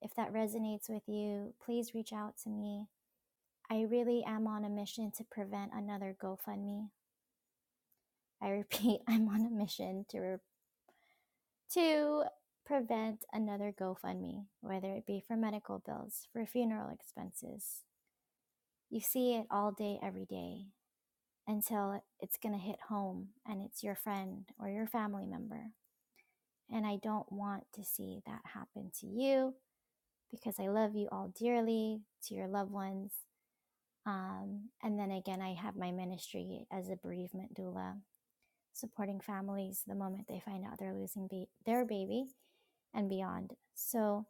Speaker 13: If that resonates with you, please reach out to me. I really am on a mission to prevent another GoFundMe. I repeat, I'm on a mission to re- to prevent another GoFundMe, whether it be for medical bills, for funeral expenses. You see it all day, every day. until it's going to hit home and it's your friend or your family member. And I don't want to see that happen to you because I love you all dearly, to your loved ones. Um, and then again, I have my ministry as a bereavement doula, supporting families the moment they find out they're losing ba- their baby and beyond. So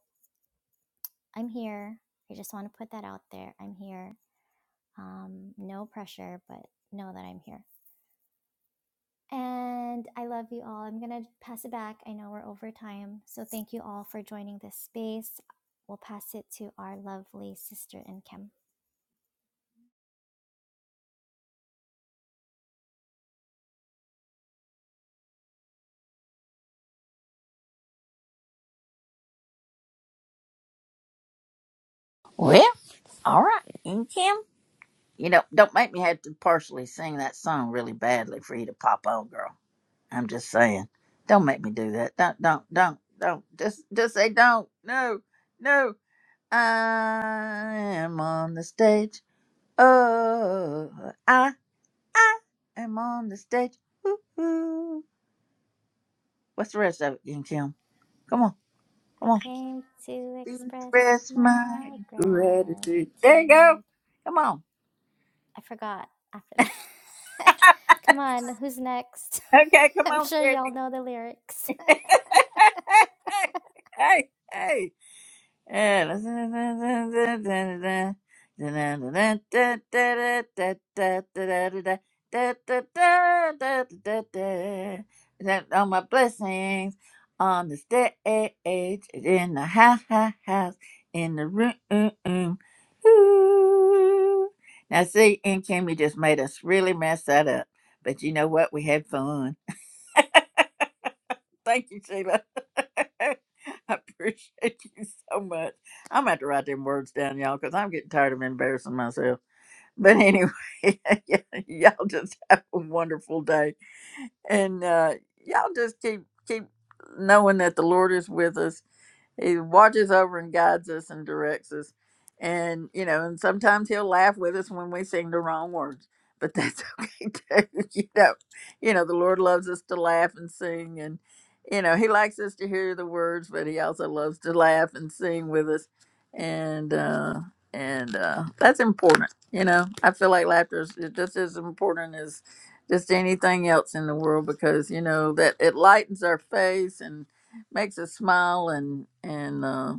Speaker 13: I'm here. I just want to put that out there. I'm here. Um, no pressure, but know that I'm here. And I love you all. I'm going to pass it back. I know we're over time. So thank you all for joining this space. We'll pass it to our lovely sister in Kim.
Speaker 1: Well, all right. And Kim, you know, don't make me have to partially sing that song really badly for you to pop on, girl. I'm just saying. Don't make me do that. Don't, don't, don't, don't. Just, just say don't. No, no. I am on the stage. Oh, I, I am on the stage. Woo-hoo. What's the rest of it, King Kim? Come on,
Speaker 13: I
Speaker 1: come on.
Speaker 13: came to express
Speaker 1: Express my
Speaker 13: my
Speaker 1: gratitude. There you go.
Speaker 13: gratitude.
Speaker 1: Come on.
Speaker 13: I forgot after that. Come on, who's next?
Speaker 1: Okay, come
Speaker 13: I'm
Speaker 1: on,
Speaker 13: sure y'all
Speaker 1: Stephanie.
Speaker 13: know the lyrics.
Speaker 1: hey, hey. And all my blessings on the stage, in the house, house, in the room. Ooh. Now, see, and Kimmy just made us really mess that up. But you know what? We had fun. Thank you, Sheila. I appreciate you so much. I'm gonna have to write them words down, y'all, because I'm getting tired of embarrassing myself. But anyway, yeah, y'all just have a wonderful day, and uh, y'all just keep keep knowing that the Lord is with us he watches over and guides us and directs us and you know and sometimes he'll laugh with us when we sing the wrong words but that's okay too you know you know the lord loves us to laugh and sing and you know he likes us to hear the words but he also loves to laugh and sing with us and uh and uh that's important you know i feel like laughter is just as important as just anything else in the world because you know that it lightens our face and makes us smile and and uh,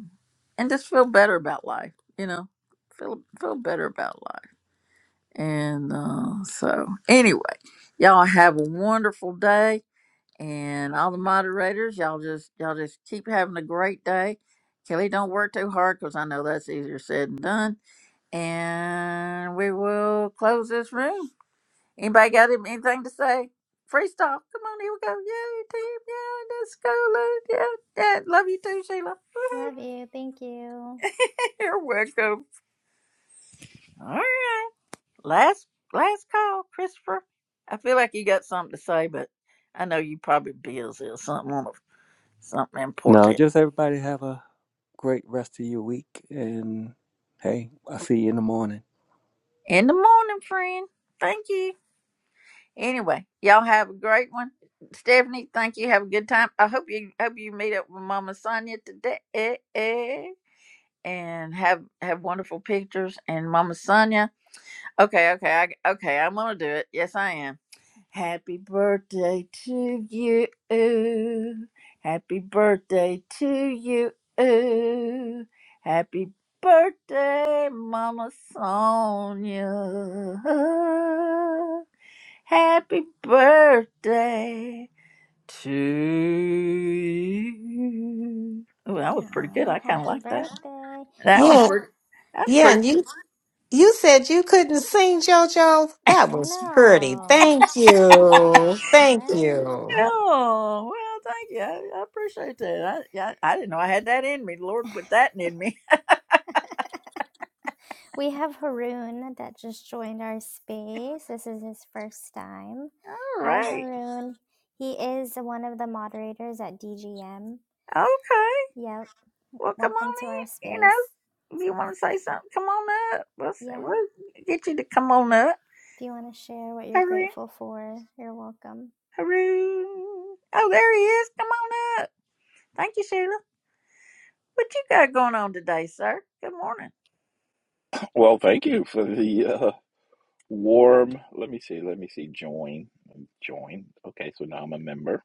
Speaker 1: and just feel better about life. You know, feel feel better about life. And uh, so, anyway, y'all have a wonderful day, and all the moderators, y'all just y'all just keep having a great day. Kelly, don't work too hard because I know that's easier said than done. And we will close this room. Anybody got any- anything to say? Freestyle. Come on, here we go. Yay, team. Yeah, let's go. Lou. Yeah, yeah. Love you too, Sheila.
Speaker 13: Love you.
Speaker 1: Woohoo.
Speaker 13: Thank you.
Speaker 1: You're welcome. All right. Last last call, Christopher. I feel like you got something to say, but I know you probably busy or something on a- something
Speaker 12: No,
Speaker 1: important.
Speaker 12: just everybody have a great rest of your week. And hey, I'll see you in the morning.
Speaker 1: In the morning, friend. Thank you. Anyway, y'all have a great one. Stephanie, thank you. Have a good time. I hope you hope you meet up with Mama Sonia today. and have have wonderful pictures and mama sonia okay okay I, okay i'm gonna do it yes i am happy birthday to you happy birthday to you happy birthday mama sonia happy birthday to you Ooh, that was pretty good
Speaker 13: Oh,
Speaker 1: i kind of
Speaker 13: happy
Speaker 1: like that
Speaker 13: birthday.
Speaker 1: that
Speaker 13: We
Speaker 1: was
Speaker 6: Yeah,
Speaker 13: have.
Speaker 1: pretty. That's
Speaker 6: yeah.
Speaker 1: pretty.
Speaker 6: and you. You said you couldn't sing, JoJo? That
Speaker 13: I
Speaker 6: was pretty.
Speaker 13: know,
Speaker 6: Thank you. Thank
Speaker 13: right?
Speaker 6: you.
Speaker 1: Oh well, thank you. I, I appreciate that. I, yeah, I didn't know I had that in me. The Lord put that in me.
Speaker 13: We have Haroon that just joined our space. This is his first time.
Speaker 1: All
Speaker 13: Hi,
Speaker 1: right.
Speaker 13: Haroon. He is one of the moderators at DGM.
Speaker 1: Okay.
Speaker 13: Yep.
Speaker 1: Well, come
Speaker 13: Welcome
Speaker 1: on
Speaker 13: to our
Speaker 1: in. You
Speaker 13: space.
Speaker 1: know, if you want to say something, come on up. We'll, s-
Speaker 13: Yeah.
Speaker 1: we'll get you to come on up.
Speaker 13: If you want to share what you're
Speaker 1: Hurry,
Speaker 13: grateful for, you're welcome.
Speaker 1: hurry. Oh, there he is. Come on up. Thank you, Sheila. What you got going on today, sir? Good morning.
Speaker 17: Well, thank you for the uh, warm. Let me see. Let me see. Join. Join. Okay, so now I'm a member.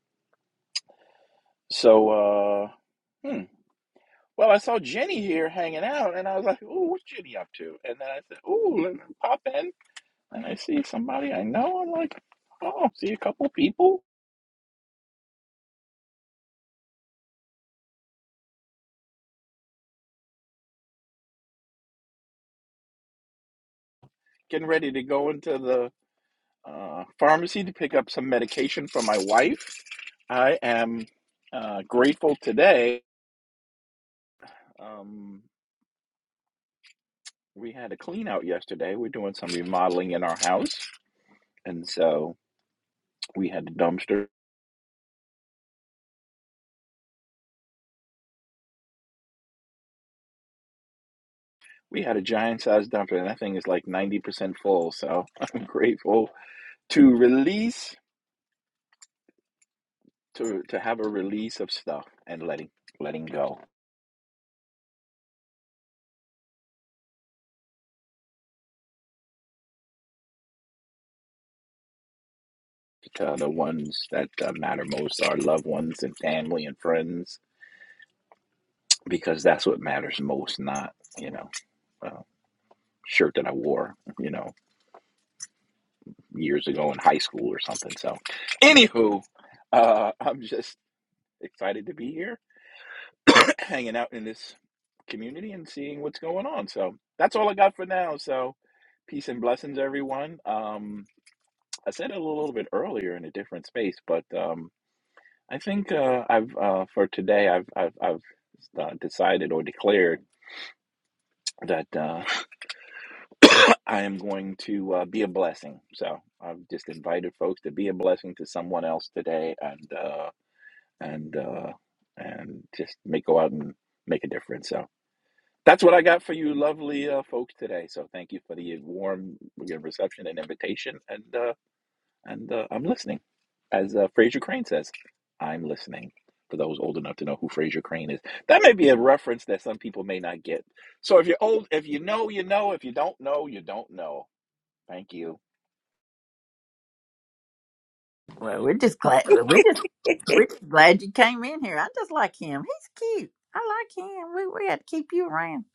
Speaker 17: So, uh, hmm. Well, I saw Jenny here hanging out, and I was like, "Ooh, what's Jenny up to?" And then I said, "Ooh, let me pop in." And I see somebody I know. I'm like, "Oh, see a couple people getting ready to go into the uh, pharmacy to pick up some medication for my wife." I am uh, grateful today. Um, We had a clean out yesterday. We're doing some remodeling in our house. And so we had a dumpster. We had a giant sized dumpster, and that thing is like 90% full. So I'm grateful to release, to, to have a release of stuff and letting, letting go to the ones that uh, matter most our loved ones and family and friends, because that's what matters most, not, you know, a shirt that I wore, you know, years ago in high school or something. So, anywho, uh, I'm just excited to be here, hanging out in this community and seeing what's going on. So that's all I got for now. So peace and blessings, everyone. Um, I said it a little bit earlier in a different space, but um, I think uh, I've uh, for today I've I've, I've uh, decided or declared that uh, I am going to uh, be a blessing. So I've just invited folks to be a blessing to someone else today, and uh, and uh, and just make go out and make a difference. So. That's what I got for you, lovely uh, folks today. So thank you for the warm good reception and invitation, and uh, and uh, I'm listening. As uh, Fraser Crane says, I'm listening. For those old enough to know who Fraser Crane is, that may be a reference that some people may not get. So if you're old, if you know, you know. If you don't know, you don't know. Thank you.
Speaker 1: Well, we're just glad. We're just we're just glad you came in here. I just like him. He's cute. I like him. We we had to keep you around.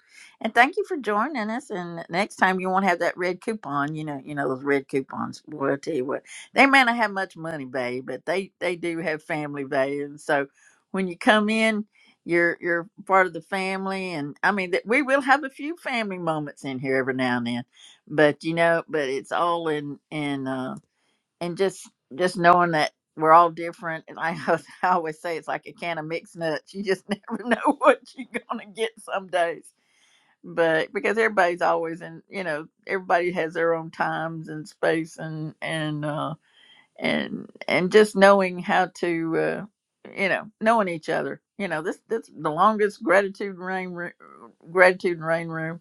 Speaker 1: And thank you for joining us. And next time you won't have that red coupon. You know, you know those red coupons. Boy, I tell you what, they may not have much money babe, but they they do have family value. And so when you come in, you're you're part of the family. And I mean, that we will have a few family moments in here every now and then, but you know, but it's all in in. Uh, and just just knowing that we're all different and I, I always say it's like a can of mixed nuts you just never know what you're gonna get some days but because everybody's always in you know everybody has their own times and space and and uh and and just knowing how to uh you know knowing each other you know this this the longest gratitude rain Ro- gratitude and rain room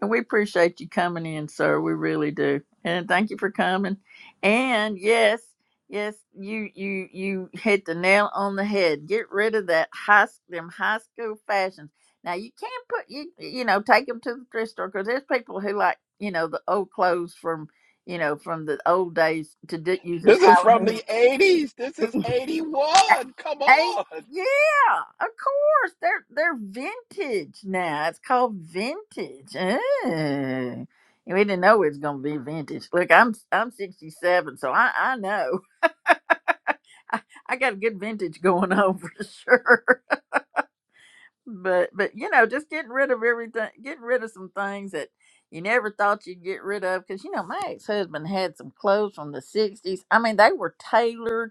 Speaker 1: and we appreciate you coming in, sir. We really do. And thank you for coming. And yes, yes, you you you hit the nail on the head. Get rid of that high them high school fashions. Now you can't put you you know take them to the thrift store because there's people who like you know the old clothes from you know from the old days to d- use as
Speaker 17: This is from
Speaker 1: Halloween
Speaker 17: the 80s. This is 81. Come
Speaker 1: Hey,
Speaker 17: on.
Speaker 1: yeah, of course. They're they're vintage now. It's called vintage. Ooh. We didn't know it was gonna be vintage. Look, I'm I'm 67, so I I know I, I got a good vintage going on for sure. But but you know, just getting rid of everything, getting rid of some things that you never thought you'd get rid of. Because you know, my ex husband had some clothes from the 60s. I mean, they were tailored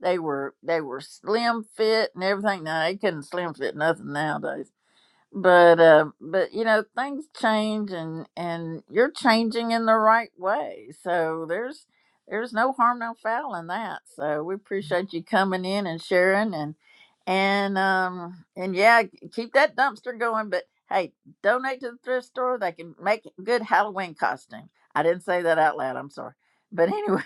Speaker 1: They were they were slim fit and everything. Now they couldn't slim fit nothing nowadays. But uh, but you know things change and and you're changing in the right way. So there's there's no harm no foul in that. So we appreciate you coming in and sharing and and um and yeah keep that dumpster going. But hey, donate to the thrift store. They can make good Halloween costume. I didn't say that out loud. I'm sorry. But anyway.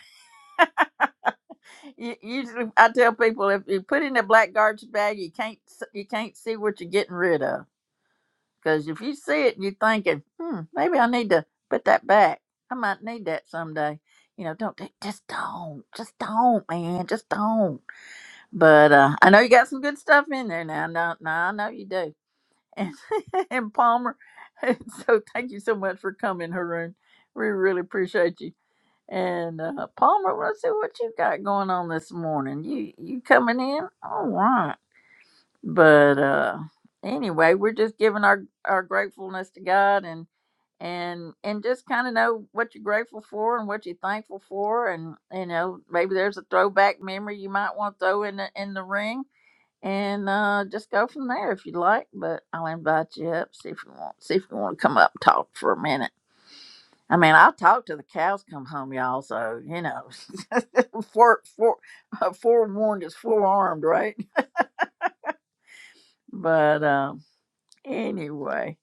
Speaker 1: You, Usually, I tell people if you put it in a black garbage bag, you can't s- you can't see what you're getting rid of because if you see it, and you're thinking, hmm, maybe I need to put that back. I might need that someday. You know, don't do- just don't, just don't, man, just don't. But uh, I know you got some good stuff in there now. No, no, I know you do. And, and Palmer, so thank you so much for coming, Haroon. We really appreciate you. And uh, Palmer, let's see what you got going on this morning. You you coming in? All right. But uh, anyway, we're just giving our our gratefulness to God and and and just kind of know what you're grateful for and what you're thankful for and you know maybe there's a throwback memory you might want to throw in the in the ring and uh just go from there if you'd like but i'll invite you up see if you want see if you want to come up and talk for a minute I mean, I'll talk till the cows come home, y'all. So you know, fore, fore, uh, forewarned is forearmed, right? But um, anyway,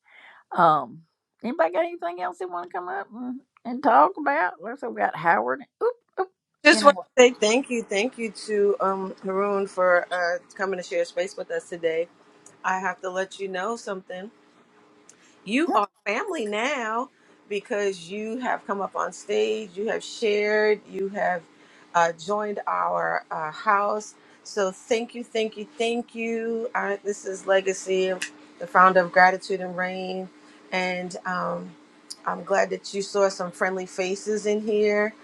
Speaker 1: um, anybody got anything else they want to come up and, and talk about? Let's. We got Howard. Oop, oop. You
Speaker 9: Just
Speaker 1: know
Speaker 9: want to say thank you. Thank you to um, Haroon for uh, coming to share space with us today. I have to let you know something. You
Speaker 1: what?
Speaker 9: are family now because you have come up on stage, you have shared, you have uh, joined our uh, house. So thank you, thank you, thank you. Uh, this is Legacy, the founder of Gratitude and Rain. And um, I'm glad that you saw some friendly faces in here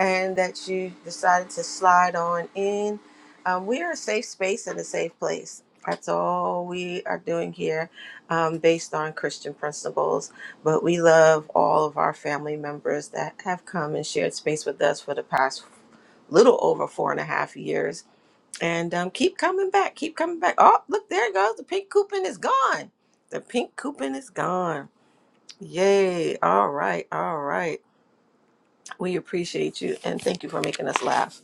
Speaker 9: and that you decided to slide on in. Um, we are a safe space and a safe place. That's all we are doing here um, based on Christian principles, but we love all of our family members that have come and shared space with us for the past little over four and a half years. And um, keep coming back, keep coming back. Oh, look, there it goes. The pink coupon is gone. The pink coupon is gone. Yay. All right. All right. We appreciate you and thank you for making us laugh.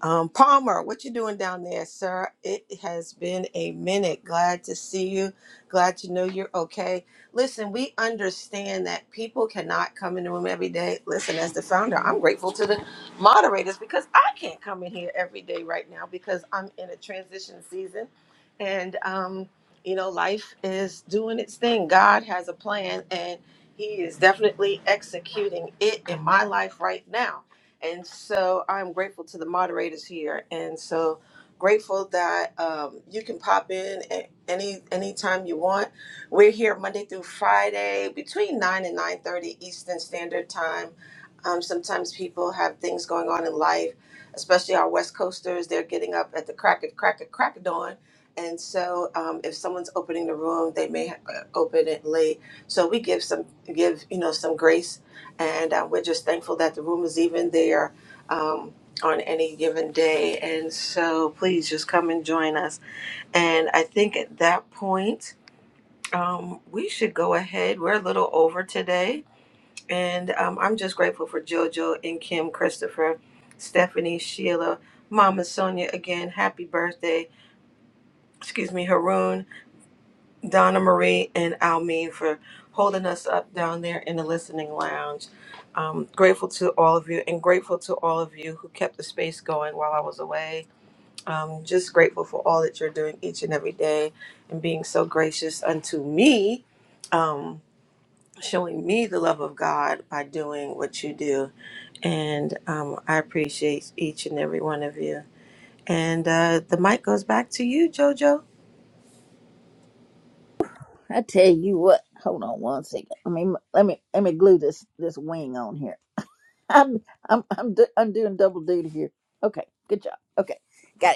Speaker 9: Um, Palmer, what you doing down there, sir? It has been a minute. Glad to see you. Glad to know you're okay. Listen, we understand that people cannot come in the room every day. Listen, as the founder, I'm grateful to the moderators because I can't come in here every day right now because I'm in a transition season, and um, you know, life is doing its thing. God has a plan, and He is definitely executing it in my life right now. And so I'm grateful to the moderators here. And so grateful that um, you can pop in at any anytime you want. We're here Monday through Friday between 9 and 9.30 Eastern Standard Time. Um, sometimes people have things going on in life, especially our West Coasters. They're getting up at the crack of crack of crack of dawn. And so um, if someone's opening the room, they may ha- uh, open it late. So we give some give, you know, some grace and uh, we're just thankful that the room is even there um, on any given day. And so please just come and join us. And I think at that point, um, we should go ahead. We're a little over today, and um, I'm just grateful for JoJo and Kim, Christopher, Stephanie, Sheila, Mama Sonia again. Happy birthday! Excuse me, Haroon. Donna Marie and Almeen for holding us up down there in the listening lounge. Um, grateful to all of you and grateful to all of you who kept the space going while I was away. Um, just grateful for all that you're doing each and every day and being so gracious unto me, um, showing me the love of God by doing what you do. And um, I appreciate each and every one of you. And uh, the mic goes back to you, JoJo.
Speaker 1: I tell you what. Hold on one second. I mean, let me let me glue this this wing on here. I'm I'm I'm do, I'm doing double duty here. Okay, good job. Okay, got it.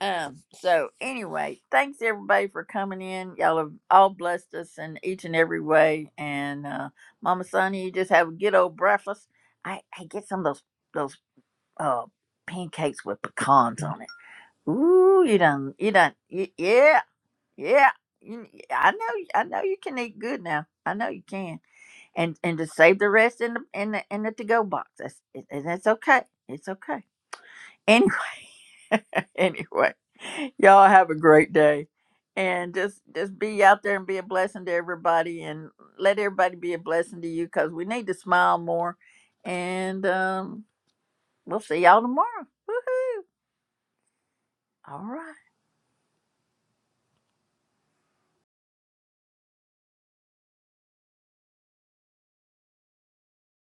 Speaker 1: Um, so anyway, thanks everybody for coming in. Y'all have all blessed us in each and every way. And uh Mama Sonia, you just have a good old breakfast. I, I get some of those those uh pancakes with pecans on it. Ooh, you done you done y- yeah, yeah. You, I know I know you can eat good now. I know you can. And and just save the rest in the in the in the to go box. That's it, and that's okay. It's okay. Anyway. anyway, y'all have a great day. And just just be out there and be a blessing to everybody and let everybody be a blessing to you because we need to smile more. And um, we'll see y'all tomorrow. Woohoo! All right.